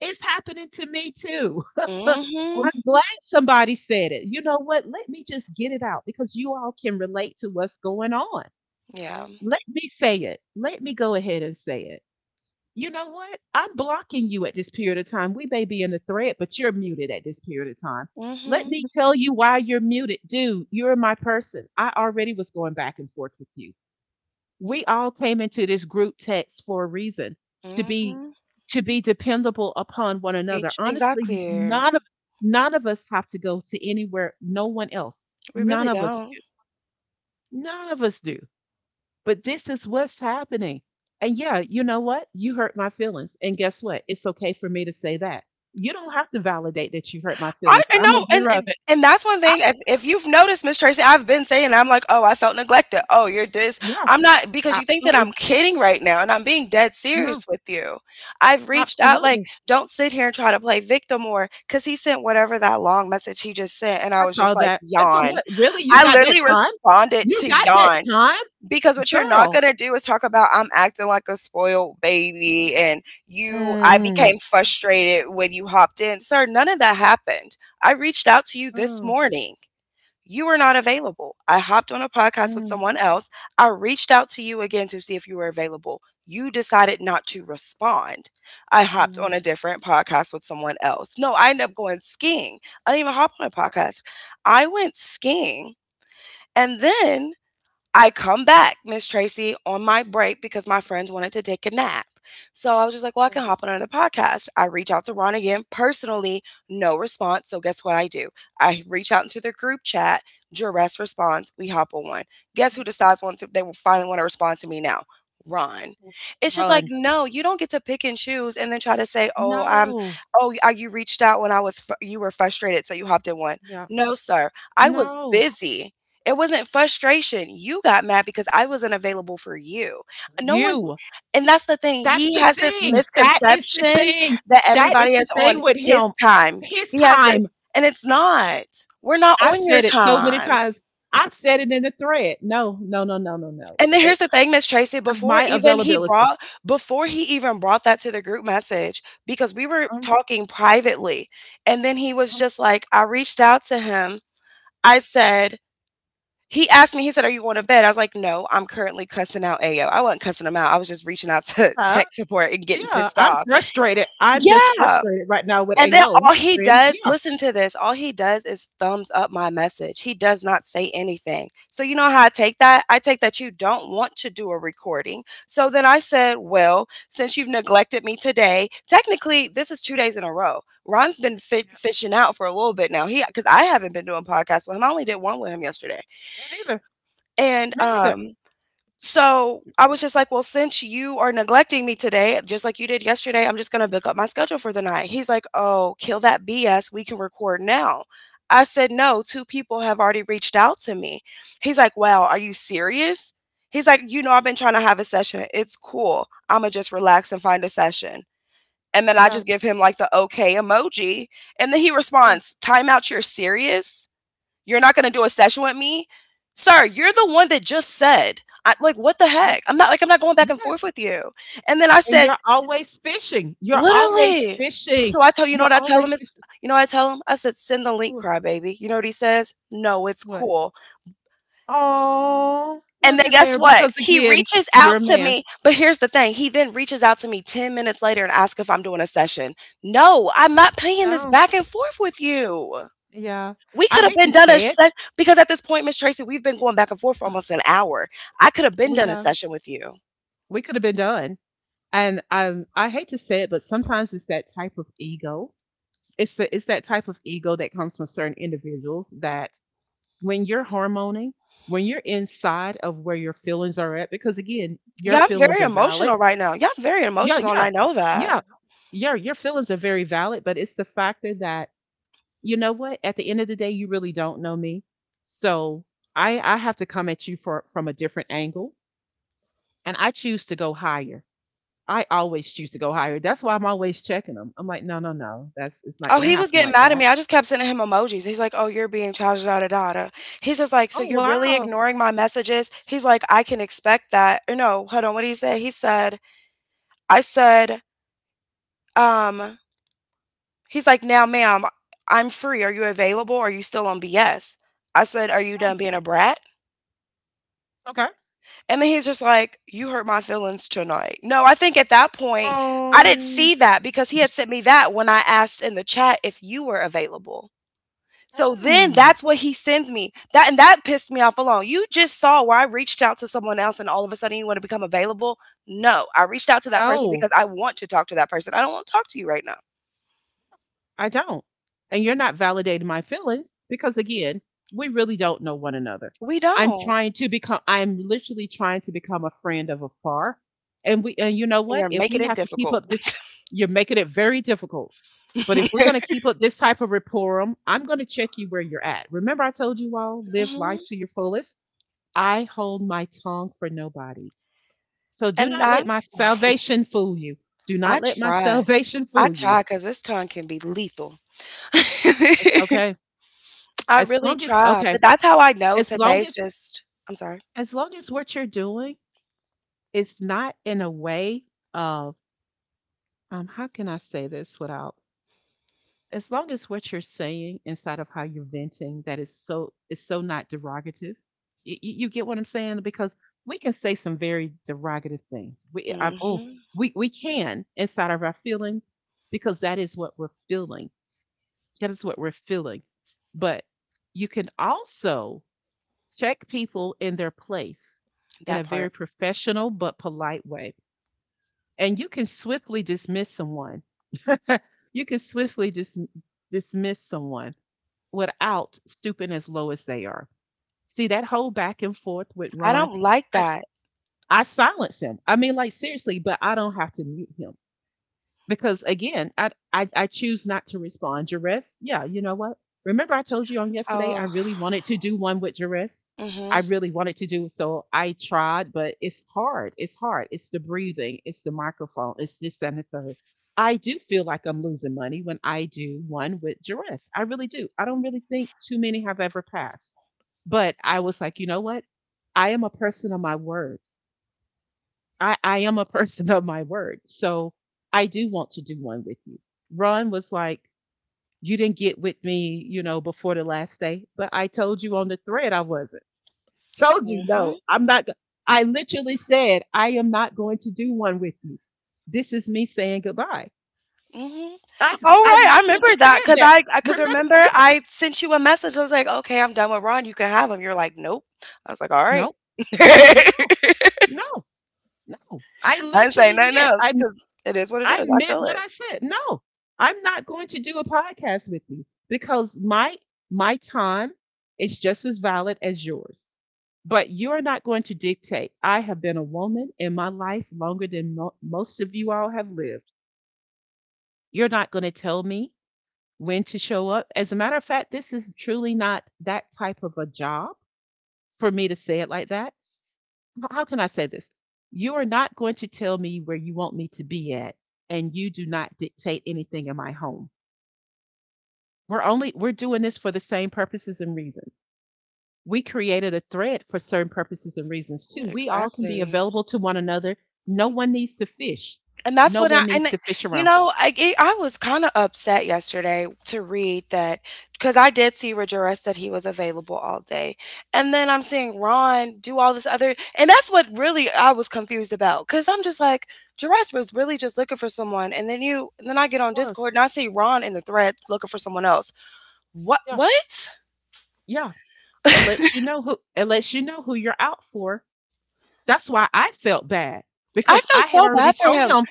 Speaker 1: It's happening to me too.
Speaker 2: Mhm.
Speaker 1: I'm glad somebody said it. You know what? Let me just get it out because you all can relate to what's going on.
Speaker 2: Yeah.
Speaker 1: Let me say it. Let me go ahead and say it. You know what? I'm blocking you at this period of time. We may be in the thread, but you're muted at this period of time. Let
Speaker 2: Mhm.
Speaker 1: me tell you why you're muted. Dude, you're my person. I already was going back and forth with you. We all came into this group text for a reason to be
Speaker 2: Mhm.
Speaker 1: to be dependable upon one another.
Speaker 2: Each
Speaker 1: Honestly,
Speaker 2: exactly.
Speaker 1: none of us have to go to anywhere, no one else.
Speaker 2: We
Speaker 1: None
Speaker 2: really
Speaker 1: of us
Speaker 2: don't.
Speaker 1: do. None of us do. But this is what's happening. And yeah, you know what? You hurt my feelings. And guess what? It's okay for me to say that. You don't have to validate that you hurt my
Speaker 2: I,
Speaker 1: feelings.
Speaker 2: I
Speaker 1: I'm
Speaker 2: know, and
Speaker 1: aware of
Speaker 2: and
Speaker 1: it.
Speaker 2: and that's one
Speaker 1: I,
Speaker 2: thing. If you've noticed, Miss Tracy, I've been saying I'm like, oh, I felt neglected. Oh, you're this.
Speaker 1: yeah,
Speaker 2: I'm not because you think that I'm
Speaker 1: absolutely.
Speaker 2: kidding right now, and I'm being dead
Speaker 1: No,
Speaker 2: serious with you. I've reached out, like,
Speaker 1: absolutely.
Speaker 2: don't sit here and try to play victim or because he sent whatever that long message he just sent, and I
Speaker 1: I
Speaker 2: was
Speaker 1: saw
Speaker 2: just like,
Speaker 1: that. And for
Speaker 2: yawn.
Speaker 1: what? Really? You
Speaker 2: I
Speaker 1: got that
Speaker 2: literally
Speaker 1: time?
Speaker 2: responded
Speaker 1: You
Speaker 2: to
Speaker 1: got that
Speaker 2: yawn.
Speaker 1: time?
Speaker 2: Because what you're not
Speaker 1: Girl.
Speaker 2: going to do is talk about I'm acting like a spoiled baby and you I
Speaker 1: Mm,
Speaker 2: became frustrated when you hopped in. Sir, none of that happened. I reached out to you this
Speaker 1: mm,
Speaker 2: morning. You were not available. I hopped on a podcast with
Speaker 1: mm,
Speaker 2: someone else. I reached out to you again to see if you were available. You decided not to respond. I hopped
Speaker 1: mm,
Speaker 2: on a different podcast with someone else. No, I ended up going skiing. I didn't even hop on a
Speaker 1: yeah,
Speaker 2: podcast. I went skiing and then I come back, Miss Tracy, on my break because my friends wanted to take a nap. So I was just like, well, I
Speaker 1: yeah,
Speaker 2: can hop on another podcast. I reach out to Ron again personally, no response. So guess what I do? I reach out into the group chat. Duress responds. We hop on one. Guess who
Speaker 1: mm,
Speaker 2: decides once they will finally want to respond to me now? Ron.
Speaker 1: mm.
Speaker 2: It's just like,
Speaker 1: Run.
Speaker 2: no, you don't get to pick and choose and then try to say,
Speaker 1: No.
Speaker 2: you reached out when you were frustrated. So you hopped in one.
Speaker 1: Yeah.
Speaker 2: No, sir. I was
Speaker 1: No.
Speaker 2: busy. It wasn't frustration, you got mad because I wasn't available for you. No one's
Speaker 1: You.
Speaker 2: and that's the thing,
Speaker 1: That's
Speaker 2: he
Speaker 1: the
Speaker 2: has this
Speaker 1: thing. That is the
Speaker 2: misconception
Speaker 1: thing.
Speaker 2: that
Speaker 1: That is
Speaker 2: everybody
Speaker 1: the
Speaker 2: is on
Speaker 1: thing with
Speaker 2: his
Speaker 1: him.
Speaker 2: time.
Speaker 1: His
Speaker 2: He has it
Speaker 1: time.
Speaker 2: and it's not. We're not
Speaker 1: I've
Speaker 2: on your
Speaker 1: said it so many
Speaker 2: time.
Speaker 1: times. I've said it in the thread. No, no, no, no, no, no.
Speaker 2: And then here's the thing, Miss Tracy,
Speaker 1: Of my availability.
Speaker 2: before he even brought that to the group message, because we were
Speaker 1: Um,
Speaker 2: talking privately, and then he was
Speaker 1: um,
Speaker 2: just like, I reached out to him. I said, He asked me, he said, "Are you going to bed?" I was like, "No, I'm currently cussing out Ayo." I wasn't cussing him out. I was just reaching out to
Speaker 1: uh,
Speaker 2: tech support and getting
Speaker 1: yeah,
Speaker 2: pissed
Speaker 1: I'm
Speaker 2: off.
Speaker 1: frustrated. I'm just
Speaker 2: Yeah.
Speaker 1: frustrated right now with
Speaker 2: And then
Speaker 1: AO.
Speaker 2: all
Speaker 1: Hey,
Speaker 2: he
Speaker 1: friend.
Speaker 2: does,
Speaker 1: Yeah,
Speaker 2: listen to this, all he does is thumbs up my message. He does not say anything. So you know how I take that? I take that you don't want to do a recording. So then I said, well, since you've neglected me today, technically this is 2 days in a row. Ron's been fishing out for a little bit now. He because I haven't been doing podcasts with him. I only did one with him yesterday.
Speaker 1: me neither.
Speaker 2: And
Speaker 1: Me neither.
Speaker 2: so I was just like, well, since you are neglecting me today, just like you did yesterday, I'm just going to book up my schedule for the night. He's like, oh, kill that BS. We can record now. I said, no, two people have already reached out to me. He's like, wow, are you serious? He's like, I've been trying to have a session. It's cool. I'm going to just relax and find a session. And then I
Speaker 1: Yeah,
Speaker 2: just give him like the okay emoji. And then he
Speaker 1: yeah,
Speaker 2: responds, time out, you're serious? You're not going to do a session with me? Sir, you're the one that just said, what the
Speaker 1: yeah.
Speaker 2: heck? I'm not going back and forth
Speaker 1: Yes.
Speaker 2: with you. And then I
Speaker 1: And
Speaker 2: said,
Speaker 1: you're always fishing. You're always
Speaker 2: literally.
Speaker 1: fishing.
Speaker 2: So I tell you know
Speaker 1: You're
Speaker 2: what I tell him?
Speaker 1: always
Speaker 2: It's,
Speaker 1: fishing.
Speaker 2: you know what I tell him? I said, send the link,
Speaker 1: Wha-
Speaker 2: crybaby. You know what he says? No, it's
Speaker 1: What?
Speaker 2: cool.
Speaker 1: Oh,
Speaker 2: And
Speaker 1: look
Speaker 2: then
Speaker 1: at
Speaker 2: guess
Speaker 1: there,
Speaker 2: what?
Speaker 1: because
Speaker 2: He
Speaker 1: again,
Speaker 2: reaches
Speaker 1: you're
Speaker 2: out
Speaker 1: a
Speaker 2: to
Speaker 1: man.
Speaker 2: me. But here's the thing he then reaches out to me 10 minutes later and asks if I'm doing a session. No, I'm not paying this
Speaker 1: No,
Speaker 2: back and forth with you.
Speaker 1: yeah.
Speaker 2: We
Speaker 1: I
Speaker 2: could have
Speaker 1: hate
Speaker 2: been
Speaker 1: to
Speaker 2: done a
Speaker 1: say it,
Speaker 2: session because at this point, Miss Tracy, we've been going back and forth for almost an hour. I could have been
Speaker 1: we
Speaker 2: done a
Speaker 1: have
Speaker 2: session with you.
Speaker 1: we could have been done. And I hate to say it, but sometimes it's that type of ego. It's that type of ego that comes from certain individuals that when you're hormoning, when you're inside of where your feelings are at, because again, your
Speaker 2: Yeah, I'm
Speaker 1: feelings
Speaker 2: very
Speaker 1: are valid.
Speaker 2: emotional right now. Yeah, I'm very
Speaker 1: Yeah,
Speaker 2: emotional, and
Speaker 1: yeah.
Speaker 2: I know that.
Speaker 1: Yeah. Yeah, your feelings are very valid, but it's the factor that you know what? At the end of the day, you really don't know me. So I have to come at you from a different angle. And I choose to go higher. I always choose to go higher. That's why I'm always checking them. I'm like, no, no, no. That's It's not
Speaker 2: Oh,
Speaker 1: going to
Speaker 2: he was
Speaker 1: happen
Speaker 2: getting
Speaker 1: like
Speaker 2: mad at
Speaker 1: that.
Speaker 2: me. I just kept sending him emojis. He's like, "Oh, you're being childish, da da da." He's just like, "So
Speaker 1: Oh
Speaker 2: you're really
Speaker 1: wow.
Speaker 2: ignoring my messages?" He's like, "I can expect that." Or no, hold on. What did he say? He said, "I said, um." He's like, "Now, ma'am, I'm free. Are you available? Are you still on BS?" I said, "Are you
Speaker 1: Oh,
Speaker 2: done being a brat?"
Speaker 1: okay.
Speaker 2: And then he's just like, "You hurt my feelings tonight." No, I think at that point, I didn't
Speaker 1: Um.
Speaker 2: see that because he had sent me that when I asked in the chat if you were available. So then
Speaker 1: hmm,
Speaker 2: that's what he sends me. That and that pissed me off alone. You just saw where I reached out to someone else and all of a sudden you want to become available? No, I reached out to that person
Speaker 1: No.
Speaker 2: because I want to talk to that person. I don't want to talk to you right now.
Speaker 1: I don't. And you're not validating my feelings because, again, we really don't know one another.
Speaker 2: We don't.
Speaker 1: I'm literally trying to become a friend of afar. And you know
Speaker 2: And
Speaker 1: what?
Speaker 2: you're
Speaker 1: If we
Speaker 2: making it
Speaker 1: have to keep
Speaker 2: difficult.
Speaker 1: up this, You're making it very difficult. But if we're going to keep up this type of rapport, I'm going to check you where you're at. Remember, I told you all live
Speaker 2: hmm.
Speaker 1: life to your fullest. I hold my tongue for nobody. So do
Speaker 2: And
Speaker 1: not let my
Speaker 2: that's
Speaker 1: salvation fool you. Do not
Speaker 2: I
Speaker 1: let my
Speaker 2: try.
Speaker 1: salvation
Speaker 2: I
Speaker 1: fool you.
Speaker 2: try because this tongue can be lethal.
Speaker 1: It's okay.
Speaker 2: I
Speaker 1: As
Speaker 2: really
Speaker 1: long as
Speaker 2: try,
Speaker 1: okay,
Speaker 2: but that's how I know
Speaker 1: as long
Speaker 2: today's
Speaker 1: as
Speaker 2: just I'm sorry.
Speaker 1: as long as what you're doing is not in a way of how can I say this without, as long as what you're saying inside of how you're venting that is so, is so not derogative. You get what I'm saying? Because we can say some very derogative things. We I'm oh
Speaker 2: Mhm.
Speaker 1: we can, inside of our feelings, because that is what we're feeling. That is what we're feeling. But you can also check people in their place in
Speaker 2: That
Speaker 1: a very
Speaker 2: part.
Speaker 1: professional but polite way. And you can swiftly dismiss someone. You can dismiss someone without stooping as low as they are. See that whole back and forth with
Speaker 2: I
Speaker 1: Ron.
Speaker 2: don't like
Speaker 1: I
Speaker 2: that.
Speaker 1: I silence him. I mean, like seriously, but I don't have to mute him because again, I choose not to respond. Jerris, yeah, you know what? Remember I told you on yesterday I
Speaker 2: Oh.
Speaker 1: really wanted to do one with Jerris. I
Speaker 2: Mhm.
Speaker 1: really wanted to do so. I tried, but it's hard. It's hard. It's the breathing. It's the microphone. It's this that, and the third. I do feel like I'm losing money when I do one with Jerris. I really do. I don't really think too many have ever passed. But I was like, you know what? I am a person of my word. I am a person of my word. So I do want to do one with you. Ron was like, you didn't get with me, you know, before the last day, but I told you on the thread I wasn't. Told you, no,
Speaker 2: Mhm.
Speaker 1: I'm not. I literally said, I am not going to do one with you. This is me saying goodbye.
Speaker 2: Mhm.
Speaker 1: I,
Speaker 2: All
Speaker 1: I
Speaker 2: right, I remember
Speaker 1: literally
Speaker 2: that
Speaker 1: said
Speaker 2: because
Speaker 1: that.
Speaker 2: 'cause
Speaker 1: Remember?
Speaker 2: remember
Speaker 1: Yeah.
Speaker 2: I sent you a message. I was like, "Okay, I'm done with Ron. You can have him." You're like, "Nope." I was like, "All right."
Speaker 1: No, no, no, no. I
Speaker 2: I didn't say
Speaker 1: literally
Speaker 2: nothing
Speaker 1: meant,
Speaker 2: else
Speaker 1: I
Speaker 2: because it is what it
Speaker 1: I
Speaker 2: is. I
Speaker 1: meant
Speaker 2: feel
Speaker 1: what
Speaker 2: it.
Speaker 1: I said. No, I'm not going to do a podcast with you because my time is just as valid as yours. But you are not going to dictate. I have been a woman in my life longer than most of you all have lived. You're not going to tell me when to show up. As a matter of fact, this is truly not that type of a job for me to say it like that. How can I say this? You are not going to tell me where you want me to be at, and you do not dictate anything in my home. We're doing this for the same purposes and reasons. We created a thread for certain purposes and reasons
Speaker 2: Yeah,
Speaker 1: too. We all can be
Speaker 2: exactly.
Speaker 1: available to one another. No one needs to fish.
Speaker 2: And that's
Speaker 1: No
Speaker 2: what I
Speaker 1: one needs
Speaker 2: and
Speaker 1: to fish
Speaker 2: you
Speaker 1: around.
Speaker 2: know I was kind of upset yesterday to read that because I did see Rejoice that he was available all day, and then I'm seeing Ron do all this other, and that's what really I was confused about because I'm just like Jerez was really just looking for someone, and then I get on
Speaker 1: Plus,
Speaker 2: Discord and I see Ron in the thread looking for someone else. What
Speaker 1: yeah,
Speaker 2: what?
Speaker 1: yeah. It lets you know who you're out for. That's why I felt bad
Speaker 2: I
Speaker 1: because
Speaker 2: felt
Speaker 1: I had
Speaker 2: so
Speaker 1: already
Speaker 2: bad for
Speaker 1: told
Speaker 2: him.
Speaker 1: him.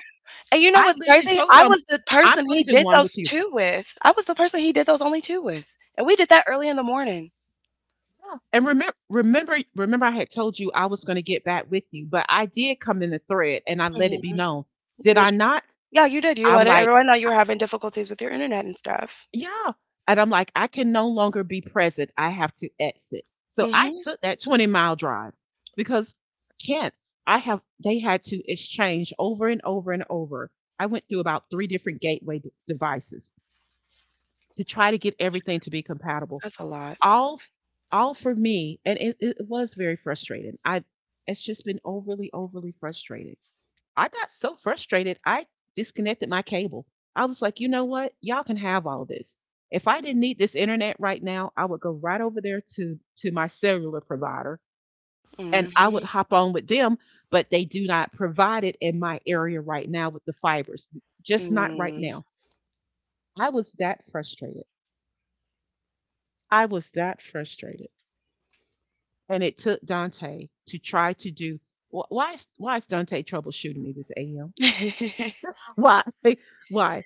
Speaker 2: And you know
Speaker 1: I
Speaker 2: what's
Speaker 1: literally
Speaker 2: crazy?
Speaker 1: told
Speaker 2: I
Speaker 1: him
Speaker 2: was the
Speaker 1: I'm
Speaker 2: person
Speaker 1: going
Speaker 2: he
Speaker 1: to do
Speaker 2: did
Speaker 1: one with
Speaker 2: those
Speaker 1: you.
Speaker 2: two with. I was the person he did those only two with. And we did that early in the morning.
Speaker 1: Yeah. And remember, I had told you I was going to get back with you, but I did come in the thread and I let
Speaker 2: Mhm.
Speaker 1: it be known. Did I
Speaker 2: That's
Speaker 1: not?
Speaker 2: Yeah, you did,
Speaker 1: I'm like,
Speaker 2: everyone know you
Speaker 1: I
Speaker 2: were having difficulties with your internet and stuff.
Speaker 1: yeah, and I'm like, "I can no longer be present, I have to exit." So I
Speaker 2: Mhm,
Speaker 1: took that 20-mile drive because I can't. I have They had to exchange over and over and over. I went through about 3 different gateway d devices to try to get everything to be compatible.
Speaker 2: that's a lot.
Speaker 1: All f all for me, and it was very frustrating. I, it's just been overly, overly frustrating. I got so frustrated, I disconnected my cable. I was like, you know what? Y'all can have all this. If I didn't need this internet right now, I would go right over there to my cellular provider and I would
Speaker 2: Mhm,
Speaker 1: hop on with them, but they do not provide it in my area right now with the fibers, just not right
Speaker 2: mm.
Speaker 1: now. I was that frustrated. I was that frustrated. And it took Dante to try to do why is Dante troubleshooting me this AM? Why? Why?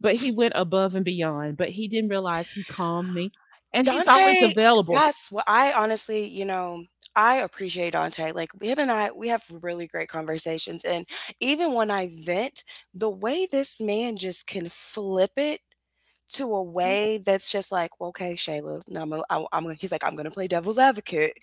Speaker 1: But he went above and beyond, but he didn't realize he calmed me. And he's always
Speaker 2: Dante,
Speaker 1: available.
Speaker 2: that's what I honestly I appreciate Dante. Like, him and I, we have really great conversations, and even when I vent, the way this man just can flip it to a
Speaker 1: Mhm.
Speaker 2: way that's just like, well, okay, Shayla, now I'm, gonna- I, I'm, gonna- he's like, I'm gonna play devil's advocate,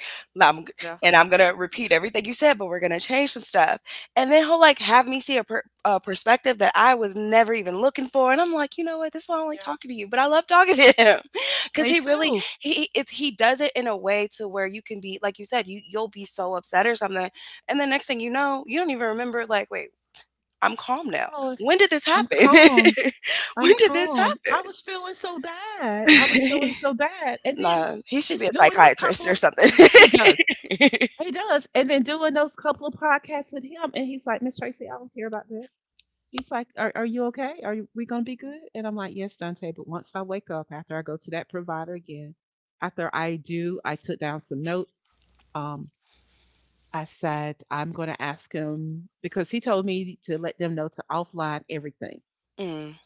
Speaker 2: I'm
Speaker 1: Yeah.
Speaker 2: and I'm gonna repeat everything you said, but we're gonna change some stuff, and then he'll like have me see a perspective that I was never even looking for, and I'm like, you know what, this is why I don't like
Speaker 1: Yeah.
Speaker 2: talking to you, but I love talking to him because
Speaker 1: Me
Speaker 2: he really
Speaker 1: too.
Speaker 2: he does it in a way to where you can be like you said, you you'll be so upset or something, and the next thing you know, you don't even remember like, wait, I'm calm now.
Speaker 1: "Oh,
Speaker 2: When did this
Speaker 1: I'm
Speaker 2: happen?
Speaker 1: calm.
Speaker 2: when
Speaker 1: I'm
Speaker 2: did this
Speaker 1: calm."
Speaker 2: happen?
Speaker 1: I was feeling so bad. I was feeling so bad. And then
Speaker 2: nah, he should be
Speaker 1: just
Speaker 2: a
Speaker 1: doing those
Speaker 2: psychiatrist
Speaker 1: couple
Speaker 2: or
Speaker 1: of
Speaker 2: something.
Speaker 1: he does. He does. And then doing those couple of podcasts with him. And he's like, Miss Tracy, I don't care about this. He's like, are you okay? We going to be good? And I'm like, yes, Dante. But once I wake up, after I go to that provider again, after I do, I took down some notes. Um, I said, I'm going to ask him because he told me to let them know to offline everything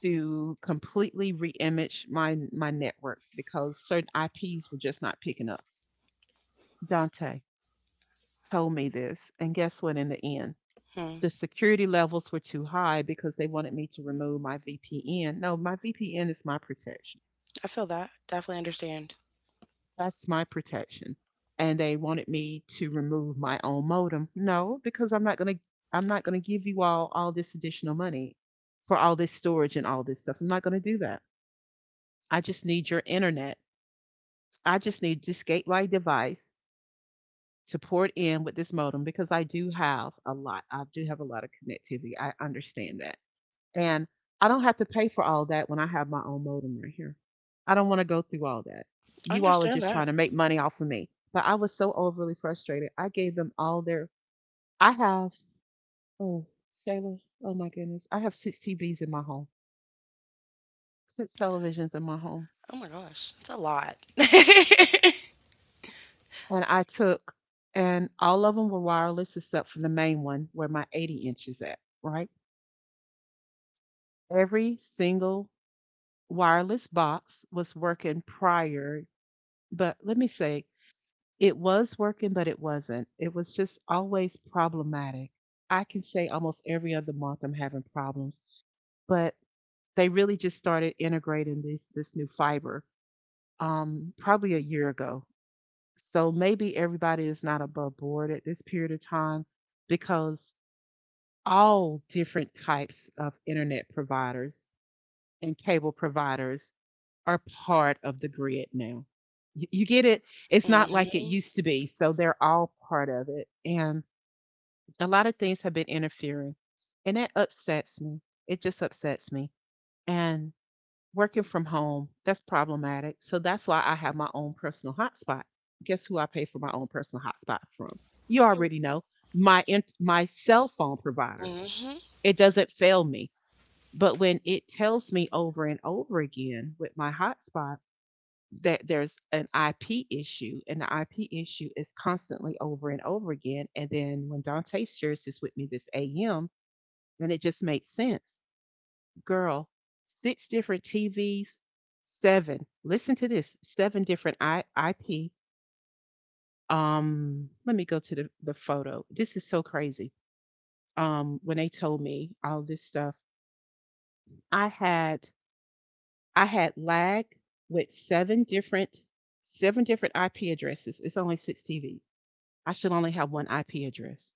Speaker 1: to completely reimage my network because certain IPs were just not picking up. Dante told me this, and guess what? In the end,
Speaker 2: hmm.
Speaker 1: the security levels were too high because they wanted me to remove my VPN. No, my VPN is my protection.
Speaker 2: I feel that. Definitely understand.
Speaker 1: That's my protection. And they wanted me to remove my own modem. No, because I'm not going to give you all this additional money for all this storage and all this stuff. I'm not going to do that. I just need your internet. I just need this gateway device to port in with this modem because I do have a lot. I do have a lot of connectivity. I understand that. And I don't have to pay for all that when I have my own modem right here. I don't want to go through all that.
Speaker 2: I
Speaker 1: You all are
Speaker 2: understand
Speaker 1: just trying
Speaker 2: that.
Speaker 1: to make money off of me. But I was so overly frustrated. I gave them all their. I have, oh, Shayla, oh my goodness. I have 6 TVs in my home, 6 televisions in my home.
Speaker 2: Oh my gosh, it's a lot.
Speaker 1: And I took, and all of them were wireless except for the main one where my 80 inch is at, right? Every single wireless box was working prior. But let me say, it was working, but it wasn't. It was just always problematic. I can say almost every other month I'm having problems, but they really just started integrating this new fiber probably a year ago. So maybe everybody is not above board at this period of time because all different types of internet providers and cable providers are part of the grid now. You get it? It's not like it
Speaker 2: mhm.
Speaker 1: used to be. So they're all part of it. And a lot of things have been interfering, and that upsets me, it just upsets me, and working from home, that's problematic. So that's why I have my own personal hotspot. Guess who I pay for my own personal hotspot from? You already know. My cell phone provider,
Speaker 2: Mhm.
Speaker 1: it doesn't fail me. But when it tells me over and over again with my hotspot that there's an IP issue, and the IP issue is constantly over and over again. And then when Dante shares this with me this AM, and it just made sense. Girl, 6 different TVs, 7. Listen to this, 7 different IP. Let me go to the photo. This is so crazy. When they told me all this stuff, I had I had lag with 7 different IP addresses. It's only 6 TVs. I should only have one IP address.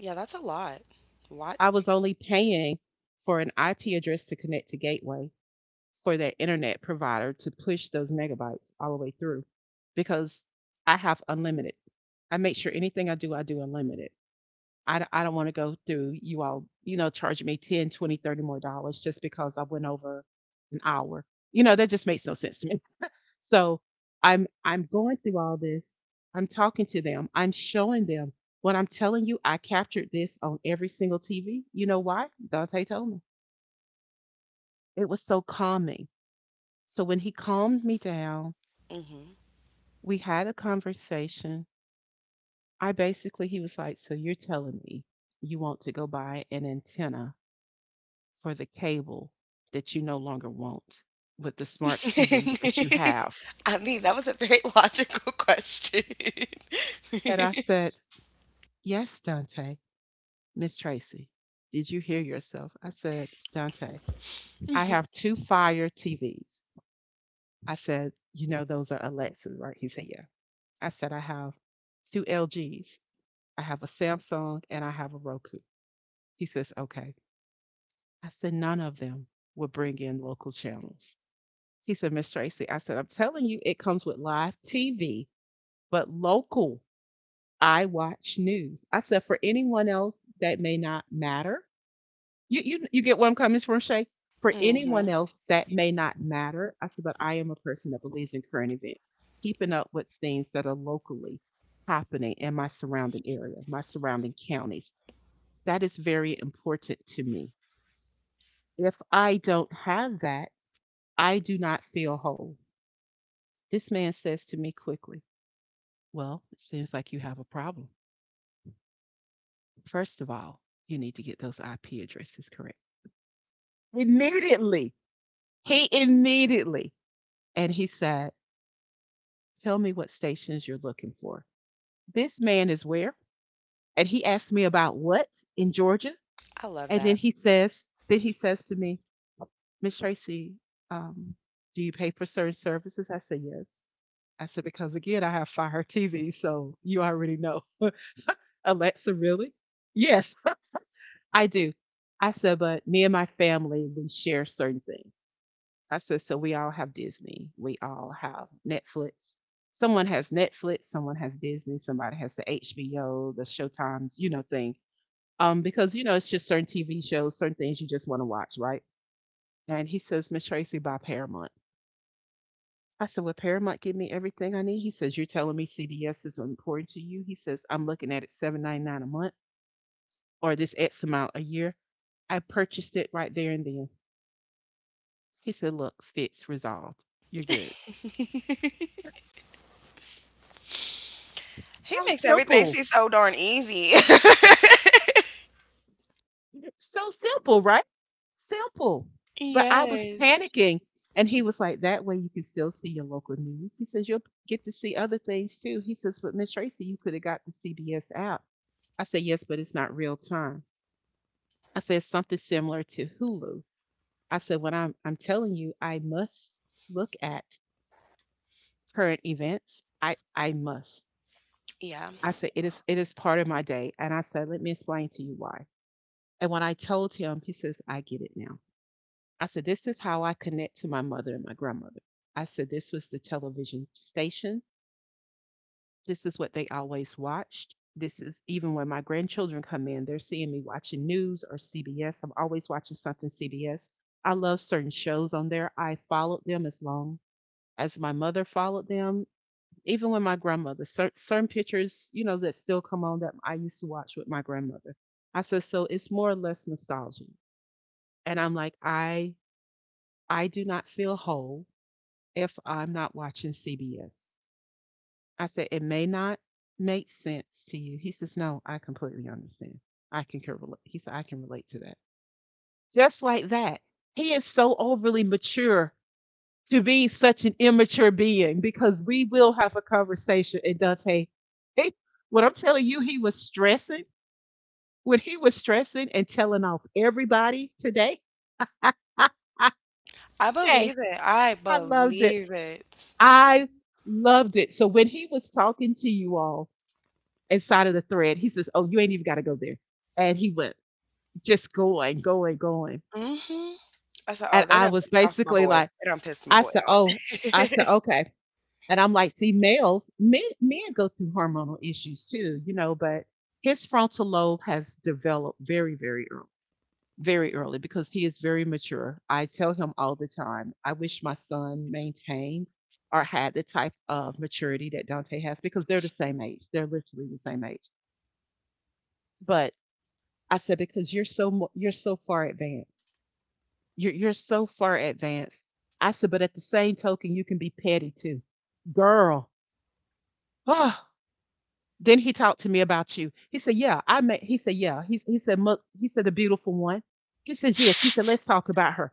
Speaker 2: Yeah, that's a lot. What?
Speaker 1: I was only paying for an IP address to connect to Gateway, for that internet provider to push those megabytes all the way through because I have unlimited. I make sure anything I do unlimited. I don't want to go through you all, you know, charge me 10, 20, 30 more dollars just because I went over an hour. You know, that just makes no sense to me. So I'm going through all this. I'm talking to them. I'm showing them what I'm telling you. I captured this on every single TV. You know why? Dante told me. It was so calming. So when he calmed me down,
Speaker 2: Mhm.
Speaker 1: we had a conversation. I basically, he was like, "So you're telling me you want to go buy an antenna for the cable that you no longer want with the smart TVs that you have?"
Speaker 2: I mean, that was a very logical question.
Speaker 1: And I said, "Yes, Dante." "Miss Tracy, did you hear yourself?" I said, "Dante, I have two Fire TVs." I said, "You know, those are Alexas, right?" He said, "Yeah." I said, "I have two LGs. I have a Samsung and I have a Roku." He says, "Okay." I said, "None of them would bring in local channels." He said, "Miss Tracy," I said, "I'm telling you, it comes with live TV, but local, I watch news." I said, "For anyone else, that may not matter. You get where I'm coming from, Shay? For anyone
Speaker 2: mhm.
Speaker 1: else, that may not matter." I said, "But I am a person that believes in current events, keeping up with things that are locally happening in my surrounding area, my surrounding counties. That is very important to me. If I don't have that, I do not feel whole." This man says to me quickly, "Well, it seems like you have a problem. First of all, you need to get those IP addresses correct. Immediately." He immediately. And he said, "Tell me what stations you're looking for." This man is where? And he asked me about what in Georgia?
Speaker 2: I love
Speaker 1: And then
Speaker 2: that.
Speaker 1: he says, to me, "Miss Tracy, um, do you pay for certain services?" I said, "Yes." I said, "Because again, I have Fire TV, so you already know." Alexa, really? Yes, I do. I said, "But me and my family, we share certain things." I said, "So we all have Disney. We all have Netflix. Someone has Netflix, someone has Disney, somebody has the HBO, the Showtimes, you know, thing. Because, you know, it's just certain TV shows, certain things you just want to watch, right?" And he says, "Miss Tracy, buy Paramount." I said, "Will Paramount give me everything I need?" He says, "You're telling me CBS is important to you?" He says, "I'm looking at it 7.99 a month, or this X amount a year." I purchased it right there and then. He said, "Look, fits resolved. You're good."
Speaker 2: he
Speaker 1: How
Speaker 2: makes everything
Speaker 1: simple.
Speaker 2: seem so darn easy.
Speaker 1: So simple, right? Simple. But I was
Speaker 2: Yes.
Speaker 1: panicking. And he was like, "That way you can still see your local news." He says, "You'll get to see other things too." He says, "But Miss Tracy, you could have got the CBS app." I said, "Yes, but it's not real time." I said, "Something similar to Hulu." I said, "When I'm telling you, I must look at current events. I must."
Speaker 2: Yeah.
Speaker 1: I said, "It is, it is part of my day." And I said, "Let me explain to you why." And when I told him, he says, "I get it now." I said, "This is how I connect to my mother and my grandmother." I said, "This was the television station. This is what they always watched. This is even when my grandchildren come in, they're seeing me watching news or CBS. I'm always watching something CBS. I love certain shows on there. I followed them as long as my mother followed them, even with my grandmother, cer- certain pictures, you know, that still come on that I used to watch with my grandmother." I said, "So it's more or less nostalgia." And I'm like, I do not feel whole if I'm not watching CBS. I said, "It may not make sense to you." He says, "No, I completely understand. I can relate." He said, "I can relate to that." Just like that, he is so overly mature to be such an immature being because we will have a conversation. And Dante, hey, what I'm telling you, he was stressing when he was stressing and telling off everybody today. I, I,
Speaker 2: I
Speaker 1: Shay,
Speaker 2: believe it. I
Speaker 1: I loved it.
Speaker 2: believe it.
Speaker 1: I loved it. So when he was talking to you all inside of the thread, he says, "Oh, you ain't even got to go there," and he went just going, going, going.
Speaker 2: Mhm. I said,
Speaker 1: And
Speaker 2: "Oh, they
Speaker 1: I
Speaker 2: done
Speaker 1: was
Speaker 2: pissed off my
Speaker 1: basically
Speaker 2: boy.
Speaker 1: like,
Speaker 2: They done pissed my
Speaker 1: I
Speaker 2: boy
Speaker 1: said,
Speaker 2: off."
Speaker 1: "Oh," I said, "okay." And I'm like, see, males, men go through hormonal issues too, you know, but his frontal lobe has developed very, very early because he is very mature. I tell him all the time, I wish my son maintained or had the type of maturity that Dante has because they're the same age. They're literally the same age. But I said, "Because you're so, mo- you're so far advanced. You're so far advanced." I said, "But at the same token, you can be petty too." Girl, oh, then he talked to me about you. He said, "Yeah, I met." He said, "Yeah." He said, "Mo-" He said, "The beautiful one." He says, "Yes." He said, "Let's talk about her."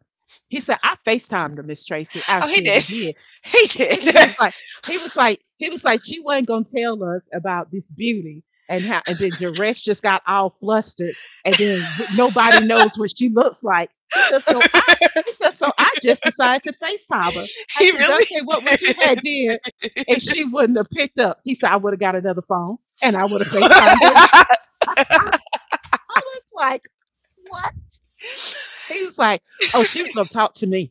Speaker 1: He said, "I Facetimed her, Miss Tracy. I
Speaker 2: Oh, he
Speaker 1: surely
Speaker 2: did.
Speaker 1: did."
Speaker 2: He did.
Speaker 1: He was like, she wasn't gonna tell us about this beauty and how, and then Jaresh just got all flustered, and then w- nobody knows what she looks like. He said, "So I," he said, "so I just decided to FaceTime her." I
Speaker 2: He
Speaker 1: said,
Speaker 2: really
Speaker 1: "Dante, what would you
Speaker 2: did.
Speaker 1: have did? And she wouldn't have picked up." He said, "I would have got another phone and I would have FaceTimed her again." I was like, what? He was like, oh, she was gonna talk to me.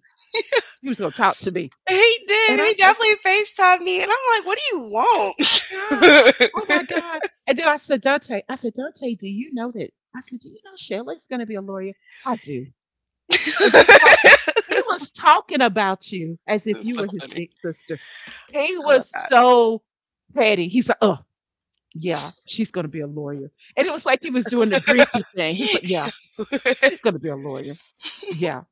Speaker 1: She was gonna talk to me,
Speaker 2: He did.
Speaker 1: and I
Speaker 2: He
Speaker 1: said.
Speaker 2: definitely FaceTimed me, and I'm like, "What do you
Speaker 1: Oh
Speaker 2: want?"
Speaker 1: my God. Oh my God. And then I said, "Dante," I said, "Dante, do you know that?" I said, "Do you know Shelley's going to be a lawyer?" "I do." And he talked, he was talking about you as if
Speaker 2: That's
Speaker 1: you
Speaker 2: so
Speaker 1: were his
Speaker 2: funny.
Speaker 1: big sister. He
Speaker 2: I love
Speaker 1: was
Speaker 2: that.
Speaker 1: so petty. He's like, "Oh, yeah, she's going to be a lawyer." And it was like he was doing the Grinchy thing. He was like, "Yeah, she's going to be a lawyer. Yeah,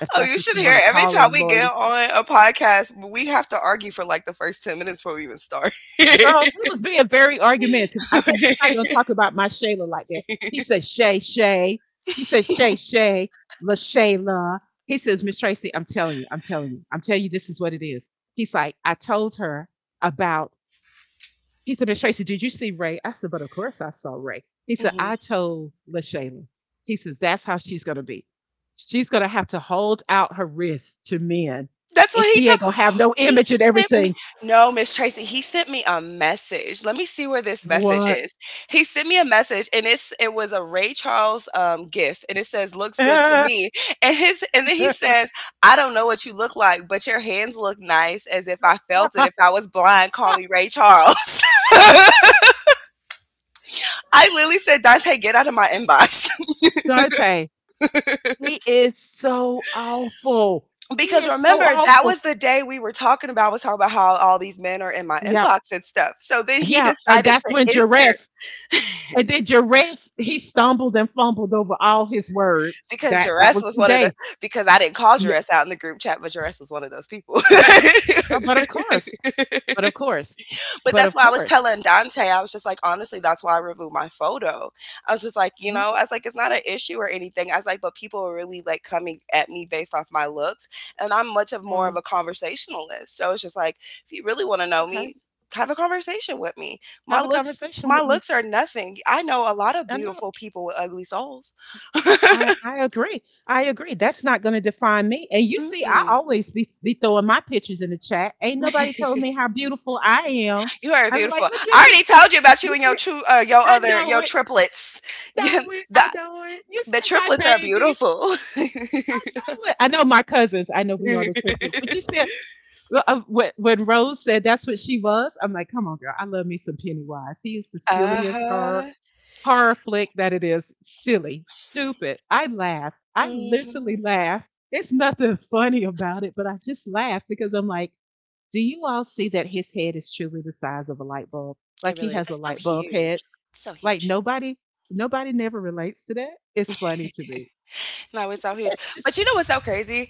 Speaker 1: if
Speaker 2: Oh,
Speaker 1: that's
Speaker 2: you
Speaker 1: what
Speaker 2: should
Speaker 1: you
Speaker 2: hear
Speaker 1: want to
Speaker 2: it. Every
Speaker 1: call a
Speaker 2: time we get
Speaker 1: lawyer."
Speaker 2: on a podcast, we have to argue for like the first 10 minutes before we even start.
Speaker 1: Girl, he was being very argumentative. I said, "You're not going to talk about my Shayla like that." He said, "Shay, Shay." He said, "Shay, Shay, LaShayla." He says, "Miss Tracy, I'm telling you, I'm telling you, I'm telling you, this is what it is." He's like, "I told her about," he said, "Miss Tracy, did you see Ray?" I said, "But of course I saw Ray." He said,
Speaker 2: Mhm.
Speaker 1: "I told LaShayla." He says, "That's how she's going to be. She's going to have to hold out her wrist to men.
Speaker 2: That's
Speaker 1: And
Speaker 2: what he
Speaker 1: she
Speaker 2: told.
Speaker 1: ain't going to have no
Speaker 2: He
Speaker 1: image and
Speaker 2: sent me.
Speaker 1: everything."
Speaker 2: No, Miss Tracy, he sent me a message. Let me see where this message
Speaker 1: What?
Speaker 2: is. He sent me a message, and it was a Ray Charles gif, and it says "looks good to me." And then he says, "I don't know what you look like, but your hands look nice, as if I felt it. If I was blind, call me Ray Charles." I literally said, "Dante, get out of my inbox."
Speaker 1: Dante, he is so awful. He
Speaker 2: Because
Speaker 1: is so
Speaker 2: remember, that
Speaker 1: awful.
Speaker 2: was the day we were talking about. I was talking about how all these men are in my
Speaker 1: Yep.
Speaker 2: inbox and stuff. So then he
Speaker 1: Yeah. And
Speaker 2: decided
Speaker 1: that's
Speaker 2: to
Speaker 1: when
Speaker 2: enter
Speaker 1: Jareth, he stumbled and fumbled over all his words.
Speaker 2: because
Speaker 1: That
Speaker 2: Jaress
Speaker 1: was
Speaker 2: was
Speaker 1: the
Speaker 2: one of the
Speaker 1: day.
Speaker 2: because I didn't call
Speaker 1: Yeah.
Speaker 2: Jaress out in the group chat, but Jaress was one of those people.
Speaker 1: Oh, but of course. But of course.
Speaker 2: But
Speaker 1: But
Speaker 2: that's
Speaker 1: of
Speaker 2: why I was
Speaker 1: course.
Speaker 2: telling Dante. I was just like, honestly, that's why I removed my photo. I was just like, you
Speaker 1: Mhm.
Speaker 2: know, I was like, it's not an issue or anything. I was like, but people are really like coming at me based off my looks. And I'm much of more of
Speaker 1: Mm,
Speaker 2: a conversationalist. So it's just like, if you really want to know
Speaker 1: okay.
Speaker 2: me, have a conversation with me. My
Speaker 1: Have a
Speaker 2: looks
Speaker 1: conversation
Speaker 2: my
Speaker 1: with me.
Speaker 2: looks are nothing. I know a lot of
Speaker 1: I know.
Speaker 2: beautiful people with ugly souls.
Speaker 1: I, I agree. I agree. That's not going to define me. And you see, I
Speaker 2: Mm-mm.
Speaker 1: always be throwing my pictures in the chat. Ain't nobody told me how beautiful I am.
Speaker 2: You are
Speaker 1: I was like,
Speaker 2: beautiful.
Speaker 1: look
Speaker 2: I
Speaker 1: at
Speaker 2: already
Speaker 1: me.
Speaker 2: told you about you
Speaker 1: You
Speaker 2: and
Speaker 1: see, I know
Speaker 2: your
Speaker 1: it.
Speaker 2: triplets. You,
Speaker 1: Know it.
Speaker 2: the
Speaker 1: I know it. You
Speaker 2: The
Speaker 1: see my
Speaker 2: triplets are
Speaker 1: babies.
Speaker 2: beautiful.
Speaker 1: I know it. I know my cousins. I know we are the triplets. But you said when Rose said that's what she was. I'm like, come on, girl. I love me some Pennywise. He is the silliest horror
Speaker 2: uh-huh.
Speaker 1: horror flick that it is. Silly, stupid. I laugh. I literally
Speaker 2: Hmm.
Speaker 1: laugh. There's nothing funny about it, but I just laugh because I'm like, do you all see that his head is truly the size of a light bulb? Like
Speaker 2: It
Speaker 1: he
Speaker 2: really is.
Speaker 1: has a
Speaker 2: It's so
Speaker 1: light bulb head.
Speaker 2: huge. So
Speaker 1: Like
Speaker 2: huge.
Speaker 1: nobody never relates to that. It's funny to me.
Speaker 2: No, it's so huge.
Speaker 1: It's just
Speaker 2: But you know what's so crazy?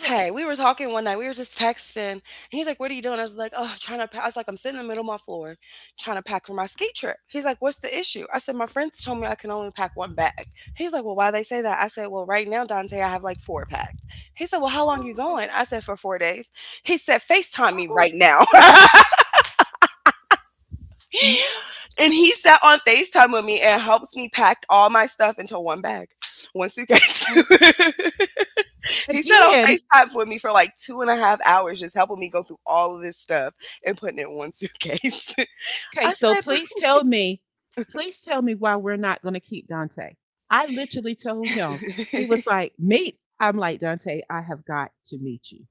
Speaker 1: like,
Speaker 2: we were talking one night. We were just texting. And he's like, what are you doing? I was like, oh, trying to pack. I was like, I'm sitting in the middle of my floor trying to pack for my ski trip. He's like, what's the issue? I said, my friends told me I can only pack one bag. He's like, well, why they say that? I said, well, right now, Dante, I have like four packed. He said, well, how long you
Speaker 1: oh,
Speaker 2: going? I said, for 4 days. He said, FaceTime me
Speaker 1: oh,
Speaker 2: right now. and he sat on FaceTime with me and helped me pack all my stuff into one bag, one suitcase.
Speaker 1: wow.
Speaker 2: He sat on
Speaker 1: Again.
Speaker 2: FaceTime with me for like 2.5 hours, just helping me go through all of this stuff and putting it in one suitcase.
Speaker 1: Okay,
Speaker 2: I
Speaker 1: so
Speaker 2: said,
Speaker 1: please tell me why we're not going to keep Dante. I literally told him. He was like, "Meet." I'm like, "Dante, I have got to meet you."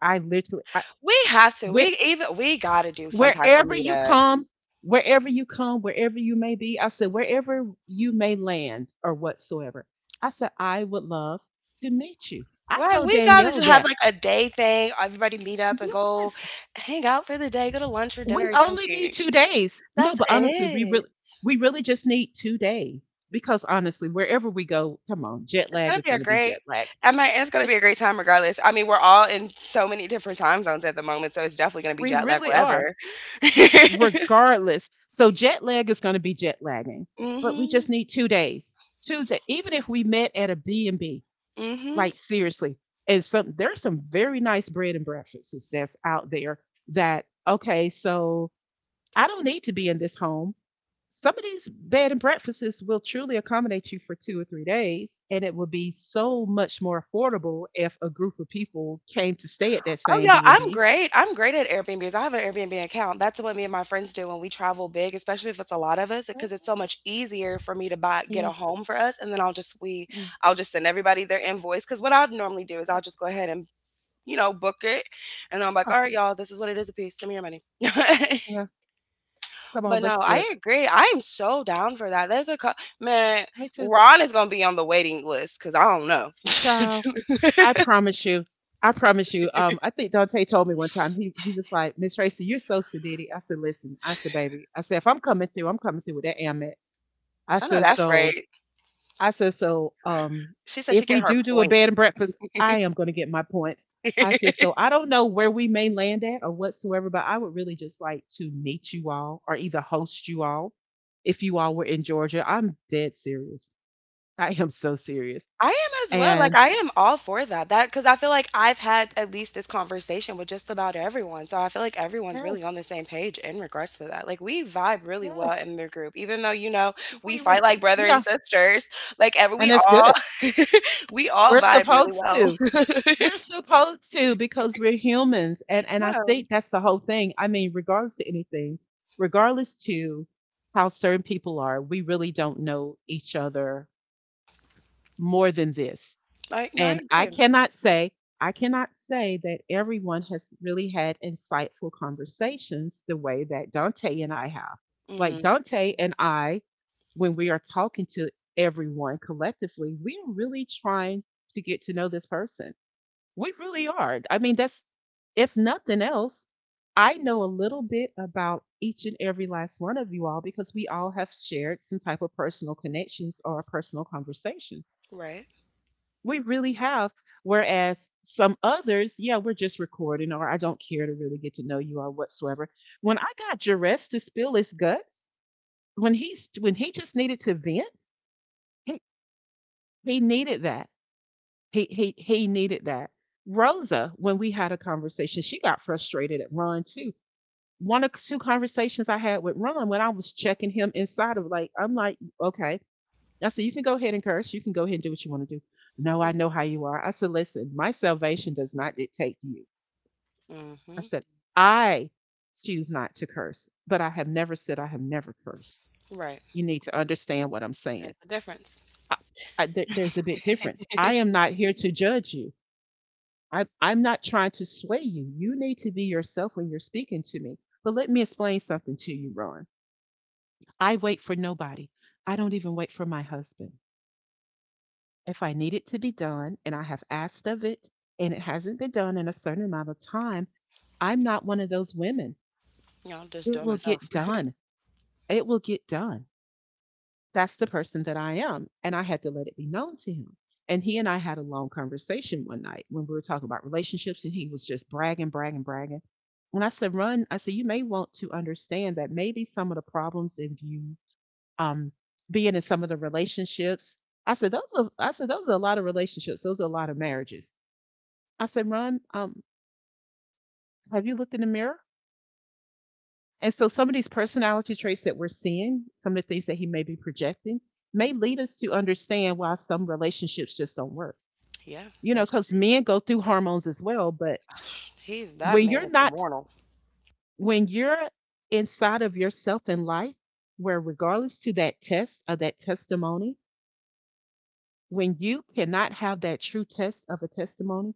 Speaker 1: I literally I,
Speaker 2: we have to.
Speaker 1: when
Speaker 2: We gotta do some type of
Speaker 1: wherever you
Speaker 2: meetup.
Speaker 1: come, wherever you come, wherever you may be, I said, wherever you may land or whatsoever, I said, I would love to meet you. I
Speaker 2: Right,
Speaker 1: told
Speaker 2: we gotta
Speaker 1: Danielle
Speaker 2: just have
Speaker 1: that,
Speaker 2: like a day thing. Everybody meet up and go
Speaker 1: yes,
Speaker 2: hang out for the day, go to lunch or
Speaker 1: we
Speaker 2: dinner or
Speaker 1: only need
Speaker 2: something.
Speaker 1: 2 days. No,
Speaker 2: That's
Speaker 1: but honestly,
Speaker 2: it.
Speaker 1: we really just need 2 days because honestly, wherever we go, come on, jet
Speaker 2: It's
Speaker 1: lag
Speaker 2: gonna
Speaker 1: is
Speaker 2: be a
Speaker 1: going to be
Speaker 2: great.
Speaker 1: jet lag.
Speaker 2: I mean, it's gonna be
Speaker 1: It's,
Speaker 2: a great time regardless. I mean, we're all in so many different time zones at the moment, so it's definitely gonna be
Speaker 1: we
Speaker 2: jet lag
Speaker 1: really are
Speaker 2: wherever.
Speaker 1: regardless. So jet lag is going to be jet lagging, but we
Speaker 2: hmm
Speaker 1: just need 2 days. 2 days. Even if we met at a B and B,
Speaker 2: Mhm.
Speaker 1: like seriously, and some there's some very nice bread and breakfasts that's out there. That Okay, so I don't need to be in this home. Some of these bed and breakfasts will truly accommodate you for 2 or 3 days, and it will be so much more affordable if a group of people came to stay at that
Speaker 2: Oh,
Speaker 1: same
Speaker 2: yeah,
Speaker 1: B and
Speaker 2: I'm
Speaker 1: B.
Speaker 2: great. I'm great at Airbnbs. I have an Airbnb account. That's what me and my friends do when we travel big, especially if it's a lot of us, because it's so much easier for me to buy get
Speaker 1: Yeah.
Speaker 2: a home for us, and then
Speaker 1: Yeah.
Speaker 2: I'll just send everybody their invoice. Because what I'd normally do is
Speaker 1: Yeah,
Speaker 2: I'll just go ahead and book it, and I'm like, all right, y'all, this is what it is a piece. Send me your money.
Speaker 1: yeah. Come on,
Speaker 2: But no,
Speaker 1: let's do
Speaker 2: I
Speaker 1: it.
Speaker 2: agree. I am so down for that. Man.
Speaker 1: Me too.
Speaker 2: Ron is gonna be on the waiting list because I don't know.
Speaker 1: Child, I promise you. I promise you. I think Dante told me one time. He was like, Miss Tracy, you're so sedated. I said, listen. I said, baby. I said, if I'm coming through, I'm coming through with that Amex. I
Speaker 2: I know
Speaker 1: said,
Speaker 2: that's right.
Speaker 1: so. I said, so.
Speaker 2: She said she
Speaker 1: If we
Speaker 2: get her
Speaker 1: do do a
Speaker 2: point.
Speaker 1: bed and breakfast, I am going to get my points. I said, so I don't know where we may land at or whatsoever, but I would really just like to meet you all or either host you all if you all were in Georgia. I'm dead serious. I am so serious.
Speaker 2: I am as well, like,
Speaker 1: And
Speaker 2: I am all for that because I feel like I've had at least this conversation with just about everyone, so I feel like everyone's really
Speaker 1: yes.
Speaker 2: on the same page in regards to that, like, we vibe really
Speaker 1: Yes,
Speaker 2: well in the group, even though, you know,
Speaker 1: if
Speaker 2: we
Speaker 1: we re-
Speaker 2: fight like brother and
Speaker 1: yeah,
Speaker 2: sisters, like, ever we
Speaker 1: and it's
Speaker 2: all
Speaker 1: good.
Speaker 2: we all
Speaker 1: We're
Speaker 2: vibe really
Speaker 1: supposed
Speaker 2: well.
Speaker 1: to. We're supposed to because we're humans, and I
Speaker 2: Yeah,
Speaker 1: think that's the whole thing. I mean, regardless to anything, regardless to how certain people are, we really don't know each other more than this.
Speaker 2: I no, I
Speaker 1: And
Speaker 2: agree.
Speaker 1: I cannot say that everyone has really had insightful conversations the way that Dante and I have. Like
Speaker 2: Mhm,
Speaker 1: Dante and I, when we are talking to everyone collectively, we are really trying to get to know this person. We really are. I mean, that's, if nothing else, I know a little bit about each and every last one of you all because we all have shared some type of personal connections or personal conversations.
Speaker 2: right.
Speaker 1: We really have. Whereas some others, yeah, we're just recording, or I don't care to really get to know you or whatsoever. When I got Jerez to spill his guts, when he just needed to vent, he, he needed that. He needed that. Rosa, when we had a conversation, she got frustrated at Ron too. One or two conversations I had with Ron when I was checking him inside of like, I'm like, okay, I said, you can go ahead and curse. You can go ahead and do what you want to do. No, I know how you are. I said, listen, my salvation does not dictate you.
Speaker 2: Mm
Speaker 1: I
Speaker 2: mhm,
Speaker 1: said, I choose not to curse, but I have never said I have never cursed.
Speaker 2: right,
Speaker 1: You need to understand what I'm saying.
Speaker 2: that's the difference.
Speaker 1: I, there's a big difference. I am not here to judge you. I'm not trying to sway you. You need to be yourself when you're speaking to me. But let me explain something to you, Ron. I wait for nobody. I don't even wait for my husband. If I need it to be done and I have asked of it and it hasn't been done in a certain amount of time, I'm not one of those women.
Speaker 2: you No, just
Speaker 1: It
Speaker 2: doing
Speaker 1: will
Speaker 2: myself.
Speaker 1: get done. It will get done. That's the person that I am. And I had to let it be known to him. And he and I had a long conversation one night when we were talking about relationships, and he was just bragging, bragging, bragging. And I said, Run, I said, you may want to understand that maybe some of the problems if you um being in some of the relationships. I said, those are a lot of relationships, those are a lot of marriages. I said, Ron, have you looked in the mirror? And so some of these personality traits that we're seeing, some of the things that he may be projecting, may lead us to understand why some relationships just don't work.
Speaker 2: Yeah,
Speaker 1: You know,
Speaker 2: that's
Speaker 1: because
Speaker 2: true.
Speaker 1: men go through hormones as well, but
Speaker 2: He's that
Speaker 1: when
Speaker 2: man
Speaker 1: you're
Speaker 2: is
Speaker 1: not,
Speaker 2: hormonal.
Speaker 1: when you're inside of yourself in life, where regardless to that test of that testimony, when you cannot have that true test of a testimony,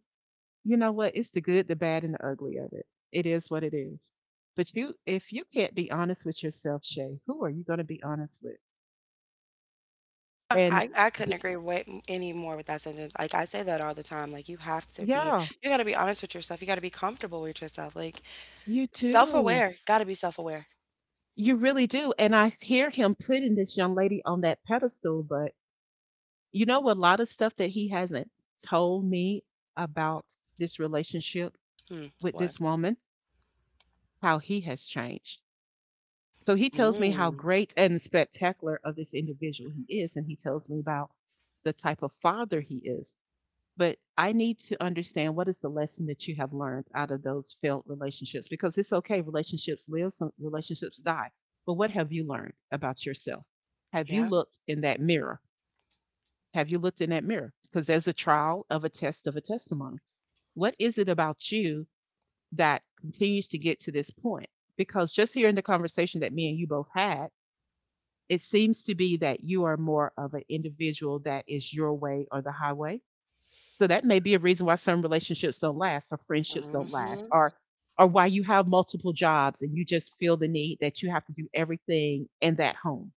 Speaker 1: you know what? It's the good, the bad, and the ugly of it. It is what it is. But you, if you can't be honest with yourself, Shay, who are you going to be honest with? And
Speaker 2: I couldn't
Speaker 1: d-
Speaker 2: agree way m any more with that sentence, like, I say that all the time, like, you have to be
Speaker 1: yeah,
Speaker 2: you gotta be honest with yourself, you gotta be comfortable with yourself, like,
Speaker 1: you do.
Speaker 2: self-aware, gotta be self-aware.
Speaker 1: You really do. And I hear him putting this young lady on that pedestal, but you know, a lot of stuff that he hasn't told me about this relationship
Speaker 2: Hmm,
Speaker 1: with
Speaker 2: what?
Speaker 1: this woman, how he has changed. So he tells me how
Speaker 2: Mm,
Speaker 1: great and spectacular of this individual he is, and he tells me about the type of father he is. But I need to understand what is the lesson that you have learned out of those failed relationships because it's okay, relationships live, some relationships die. But what have you learned about yourself? Have you
Speaker 2: yeah,
Speaker 1: looked in that mirror? Have you looked in that mirror? Because there's a trial of a test of a testimony. What is it about you that continues to get to this point? Because just here in the conversation that me and you both had, it seems to be that you are more of an individual that is your way or the highway. So that may be a reason why some relationships don't last or friendships don't last
Speaker 2: mhm,
Speaker 1: or why you have multiple jobs and you just feel the need that you have to do everything in that home.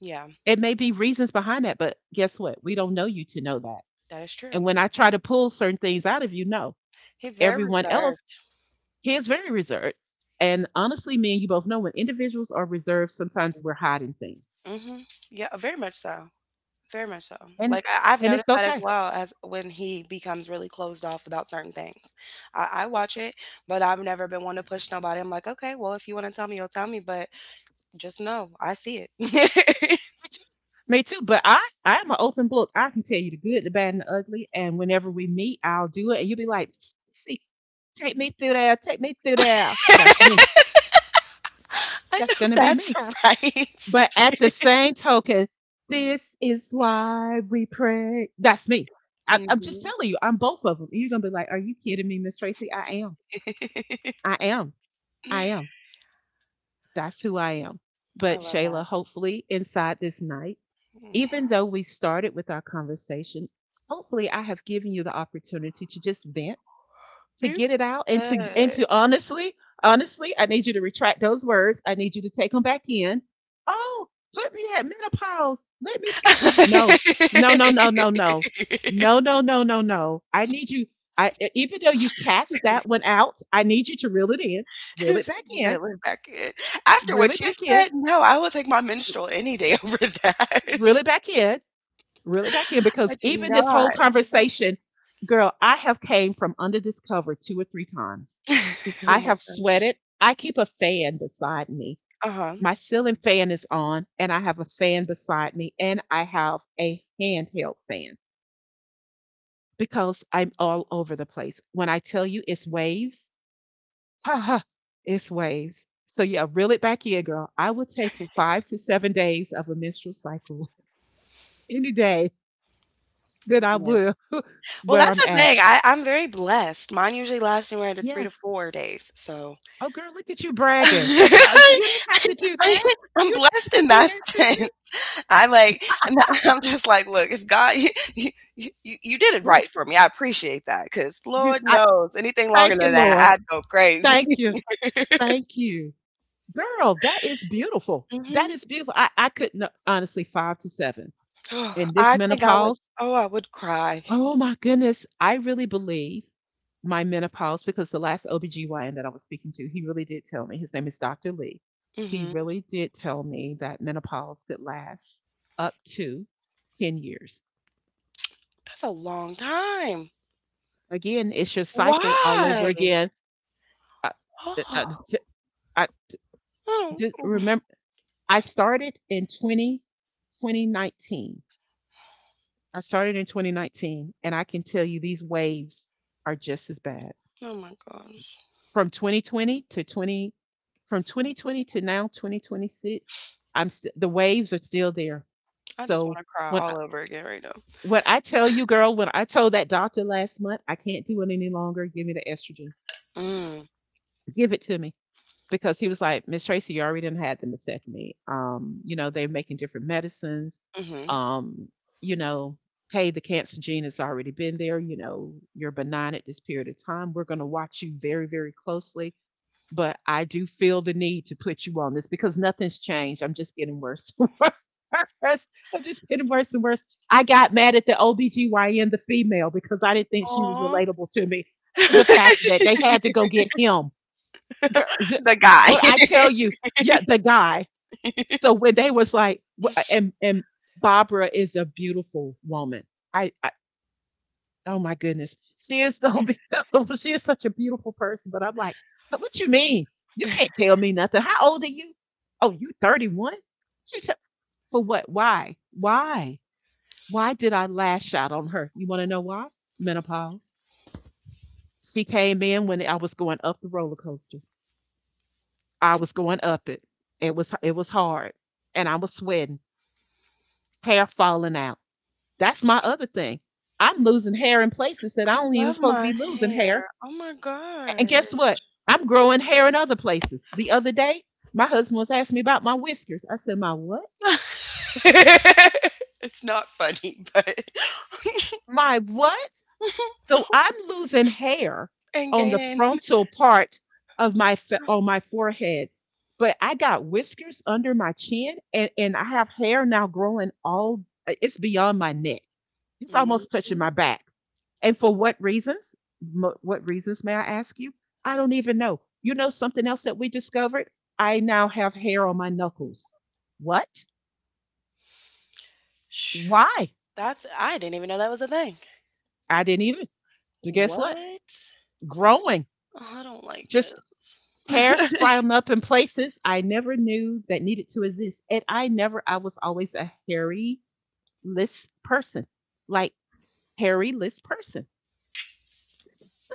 Speaker 2: yeah,
Speaker 1: It may be reasons behind that, but guess what? We don't know you to know that.
Speaker 2: that is
Speaker 1: And
Speaker 2: true.
Speaker 1: when I try to pull certain things out of you, no.
Speaker 2: He's very
Speaker 1: Everyone else,
Speaker 2: reserved.
Speaker 1: he is very reserved. And honestly, me and you both know when individuals are reserved, sometimes we're hiding things.
Speaker 2: Mhm, yeah, very much so, very much so,
Speaker 1: And
Speaker 2: like, I've
Speaker 1: and it's
Speaker 2: noticed that as
Speaker 1: okay.
Speaker 2: well as when he becomes really closed off about certain things. I watch it, but I've never been one to push nobody, I'm like, "Okay, well, if you wanna tell me, you'll tell me, but just know, I see it."
Speaker 1: Me too. Me too. I am an open book. I can tell you the good, the bad, and the ugly. And whenever we meet, I'll do it. And you'll be like, see, take me through there, take me through there. That's me.
Speaker 2: I
Speaker 1: That's
Speaker 2: know
Speaker 1: gonna be
Speaker 2: that's
Speaker 1: me.
Speaker 2: right.
Speaker 1: But at the same token, this is why we pray. That's me. I'm just
Speaker 2: Mhm.
Speaker 1: telling you, I'm both of them. You're gonna be like, are you kidding me, Miss Tracy? I am. I am. I am. That's who I am.
Speaker 2: I
Speaker 1: But
Speaker 2: love
Speaker 1: Shayla,
Speaker 2: that.
Speaker 1: hopefully inside this night, even though we started with our conversation, hopefully I have given you the opportunity to just vent, to
Speaker 2: You
Speaker 1: get it out, and
Speaker 2: good.
Speaker 1: to honestly, honestly, I need you to retract those words. I need you to take them back in. Oh, put me at menopause. Let me skip over. No, no, no, no, no, no, no, no, no, no, no. I need you. Even though you cast that one out, I need you to reel it in, reel it back in,
Speaker 2: Really, Beckett. After
Speaker 1: reel it
Speaker 2: what you
Speaker 1: back in,
Speaker 2: said, no, I will take my menstrual any day over
Speaker 1: reel
Speaker 2: that.
Speaker 1: it back in, reel it back in
Speaker 2: I
Speaker 1: because
Speaker 2: do
Speaker 1: even this whole
Speaker 2: not.
Speaker 1: conversation, girl, I have came from under this cover two or three times.
Speaker 2: Oh
Speaker 1: I
Speaker 2: my
Speaker 1: have
Speaker 2: gosh.
Speaker 1: sweated. I keep a fan beside me.
Speaker 2: Uh-huh.
Speaker 1: My ceiling fan is on, and I have a fan beside me, and I have a handheld fan because I'm all over the place. When I tell you it's waves, ha ha, it's waves. So yeah, reel it back in, girl. I will take 5 to 7 days of a menstrual cycle any day that I
Speaker 2: Yes.
Speaker 1: will
Speaker 2: Well,
Speaker 1: where
Speaker 2: that's
Speaker 1: I'm
Speaker 2: the
Speaker 1: at.
Speaker 2: thing. I, I'm very blessed. Mine usually lasts anywhere to three to
Speaker 1: Yes,
Speaker 2: four days. So
Speaker 1: oh, girl, look at you bragging.
Speaker 2: I,
Speaker 1: You didn't have to do that.
Speaker 2: I'm
Speaker 1: You didn't have
Speaker 2: blessed
Speaker 1: to
Speaker 2: in
Speaker 1: do
Speaker 2: that
Speaker 1: that to
Speaker 2: sense.
Speaker 1: me.
Speaker 2: I like, I'm just like, look, if God, you, you you did it
Speaker 1: Oh,
Speaker 2: right for me. I appreciate that because
Speaker 1: you,
Speaker 2: Lord
Speaker 1: I,
Speaker 2: knows anything
Speaker 1: thank
Speaker 2: longer
Speaker 1: you,
Speaker 2: than that,
Speaker 1: Lord.
Speaker 2: I'd go crazy.
Speaker 1: Thank you. Thank you. Girl, that is beautiful. That
Speaker 2: hmm
Speaker 1: is beautiful. I couldn't, honestly, five to seven.
Speaker 2: Oh,
Speaker 1: In this
Speaker 2: I think I would,
Speaker 1: menopause,
Speaker 2: oh, I would cry.
Speaker 1: oh my goodness, I really believe my menopause because the last OBGYN that I was speaking to, he really did tell me, his name is Dr. Lee. He
Speaker 2: hmm
Speaker 1: really did tell me that menopause could last up to 10 years.
Speaker 2: That's a long time.
Speaker 1: Again, it's your cycle all over
Speaker 2: Why?
Speaker 1: again. I, I,
Speaker 2: Oh,
Speaker 1: I
Speaker 2: oh,
Speaker 1: just remember I started in 202019. I started in 2019, and I can tell you these waves are just as bad.
Speaker 2: oh my gosh.
Speaker 1: From 2020 to 20, from 2020 to now 2026, the waves are still there.
Speaker 2: I just want
Speaker 1: So
Speaker 2: to cry
Speaker 1: when I,
Speaker 2: all over again right now.
Speaker 1: when I tell you, girl, when I told that doctor last month, I can't do it any longer. Give me the estrogen.
Speaker 2: Mm,
Speaker 1: Give it to me. Because he was like, Miss Tracy, you already done had the mastectomy. They're making different medicines.
Speaker 2: mm-hmm.
Speaker 1: Um, you know, Hey, the cancer gene has already been there. You know, you're benign at this period of time. We're going to watch you very, very closely. But I do feel the need to put you on this because nothing's changed. I'm just getting worse and worse. I'm just getting worse and worse. I got mad at the OBGYN, the female, because I didn't think she was
Speaker 2: Aw.
Speaker 1: relatable to me to the fact that they had to go get him, girl,
Speaker 2: The guy.
Speaker 1: what I tell you, yeah, the guy. So when they was like, and Barbara is a beautiful woman. I oh my goodness, she is so beautiful. She is such a beautiful person. But I'm like, but what you mean? You can't tell me nothing. How old are you? Oh, you 31. She said, for what? Why? Why? Why did I lash out on her? You want to know why? Menopause. She came in when I was going up the roller coaster. I was going up it. It was hard, and I was sweating, hair falling out. That's my other thing. I'm losing hair in places that I
Speaker 2: I
Speaker 1: don't even
Speaker 2: love
Speaker 1: supposed to
Speaker 2: my
Speaker 1: be losing
Speaker 2: hair.
Speaker 1: hair.
Speaker 2: Oh my
Speaker 1: And
Speaker 2: god.
Speaker 1: guess what? I'm growing hair in other places. The other day, my husband was asking me about my whiskers. I said, "My what?
Speaker 2: It's not funny, but
Speaker 1: My what?" So I'm losing hair
Speaker 2: and
Speaker 1: on the
Speaker 2: gaining.
Speaker 1: frontal part of my fa- on my forehead, but I got whiskers under my chin, and I have hair now growing all. It's beyond my neck. It's
Speaker 2: Mhm.
Speaker 1: almost touching my back. And for what reasons? Mo- What reasons may I ask you? I don't even know. You know something else that we discovered? I now have hair on my knuckles. What?
Speaker 2: Shoo.
Speaker 1: Why?
Speaker 2: That's I didn't even know that was a thing.
Speaker 1: I didn't even. But guess what?
Speaker 2: What?
Speaker 1: Growing.
Speaker 2: Oh, I don't like
Speaker 1: Just hair
Speaker 2: this.
Speaker 1: sprouting up in places I never knew that needed to exist. And I never, I was always a hairy list person, like hairy list person.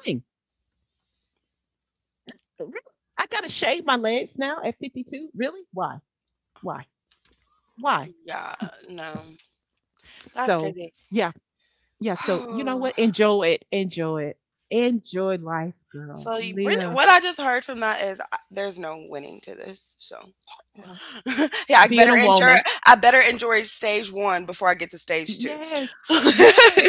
Speaker 1: Thing. Really? I got to shave my legs now at 52. Really? Why? Why? Why?
Speaker 2: Yeah, no. That's
Speaker 1: So,
Speaker 2: crazy.
Speaker 1: yeah. Yeah. So, you know what? Enjoy it. Enjoy it. Enjoy life, girl.
Speaker 2: So you, really-
Speaker 1: Live.
Speaker 2: what I just heard from that is there's no winning to this. So
Speaker 1: Yeah.
Speaker 2: yeah,
Speaker 1: Being a woman.
Speaker 2: I better enjoy stage one before I get to stage two.
Speaker 1: Yes. Yes.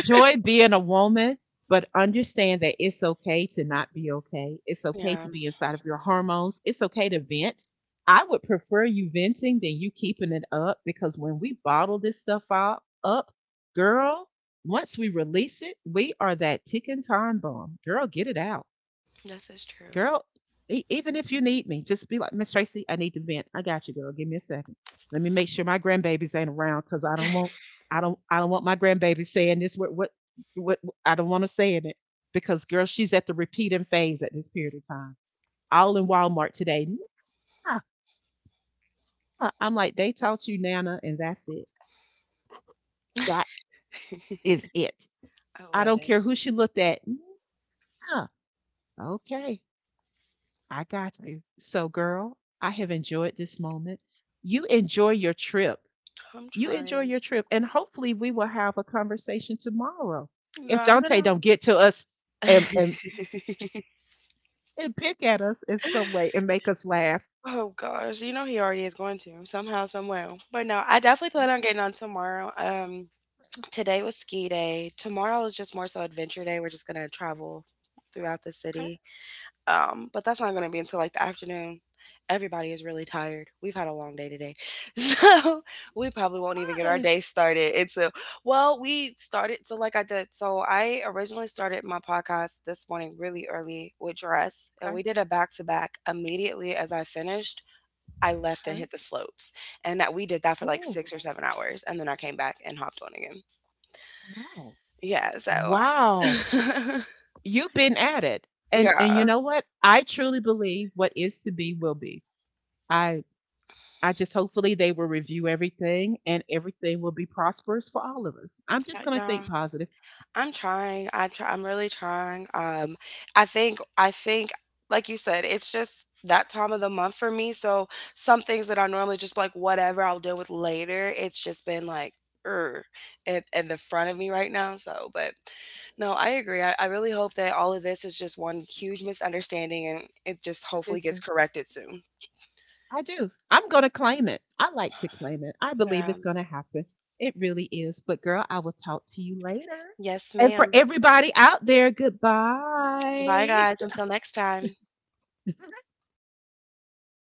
Speaker 1: being a woman, but understand that it's okay to not be okay. It's okay
Speaker 2: Yeah,
Speaker 1: to be inside of your hormones. It's okay to vent. I would prefer you venting than you keeping it up because when we bottle this stuff up, up, girl, once we release it, we are that ticking time bomb. Girl, get it out.
Speaker 2: this is true.
Speaker 1: Girl, e- even if you need me, just be like, Miss Tracy, I need to vent. I got you, girl. Give me a second. Let me make sure my grandbabies ain't around because I don't want I don't want my grandbaby saying this what I don't want to say it. Because girl, she's at the repeating phase at this period of time. All in Walmart today. Nah. I'm like, they taught you Nana and that's it. That is it.
Speaker 2: I
Speaker 1: I
Speaker 2: love
Speaker 1: don't
Speaker 2: it.
Speaker 1: care who she looked at. Nah. Okay. I got you. So girl, I have enjoyed this moment, you enjoy your trip.
Speaker 2: I'm
Speaker 1: You enjoy
Speaker 2: trying.
Speaker 1: your trip, and hopefully we will have a conversation tomorrow. If
Speaker 2: Yeah, I'm
Speaker 1: Dante don't get to us and and,
Speaker 2: gonna
Speaker 1: and pick at us in some way and make us laugh,
Speaker 2: oh gosh, you know he already is going to somehow, somewhere. But no, I definitely plan on getting on tomorrow. Today was ski day. Tomorrow is just more so adventure day. We're just gonna travel throughout the
Speaker 1: okay,
Speaker 2: city. But that's not going to be until like the afternoon. Everybody is really tired. We've had a long day today. So we probably won't even get our
Speaker 1: fine,
Speaker 2: day started until, well, we started. So, I originally started my podcast this morning really early with Dress, and
Speaker 1: okay,
Speaker 2: we did a back to back. Immediately as I finished, I left and
Speaker 1: okay.
Speaker 2: hit the slopes. And that we did that for like
Speaker 1: Oh,
Speaker 2: 6 or 7 hours. And then I came back and hopped on again.
Speaker 1: wow,
Speaker 2: Yeah. So,
Speaker 1: wow! You've been at it, and
Speaker 2: yeah.
Speaker 1: you know what? I truly believe what is to be will be. I I just hopefully they will review everything and everything will be prosperous for all of us. I'm just gonna think
Speaker 2: Yeah.
Speaker 1: positive.
Speaker 2: I'm trying. I'm really trying. I think like you said, it's just that time of the month for me. So some things that I normally just be like whatever I'll deal with later. It's just been like er in the front of me right now. So, but no, I agree. I really hope that all of this is just one huge misunderstanding and it just
Speaker 1: I do
Speaker 2: hopefully gets
Speaker 1: too.
Speaker 2: corrected soon.
Speaker 1: I do. I'm going to claim it. I like to claim it. I believe
Speaker 2: Yeah.
Speaker 1: it's going to happen. It really is. But, girl, I will talk to you later.
Speaker 2: Yes,
Speaker 1: And for
Speaker 2: ma'am.
Speaker 1: everybody out there,
Speaker 2: Bye,
Speaker 1: goodbye.
Speaker 2: guys. Until next time.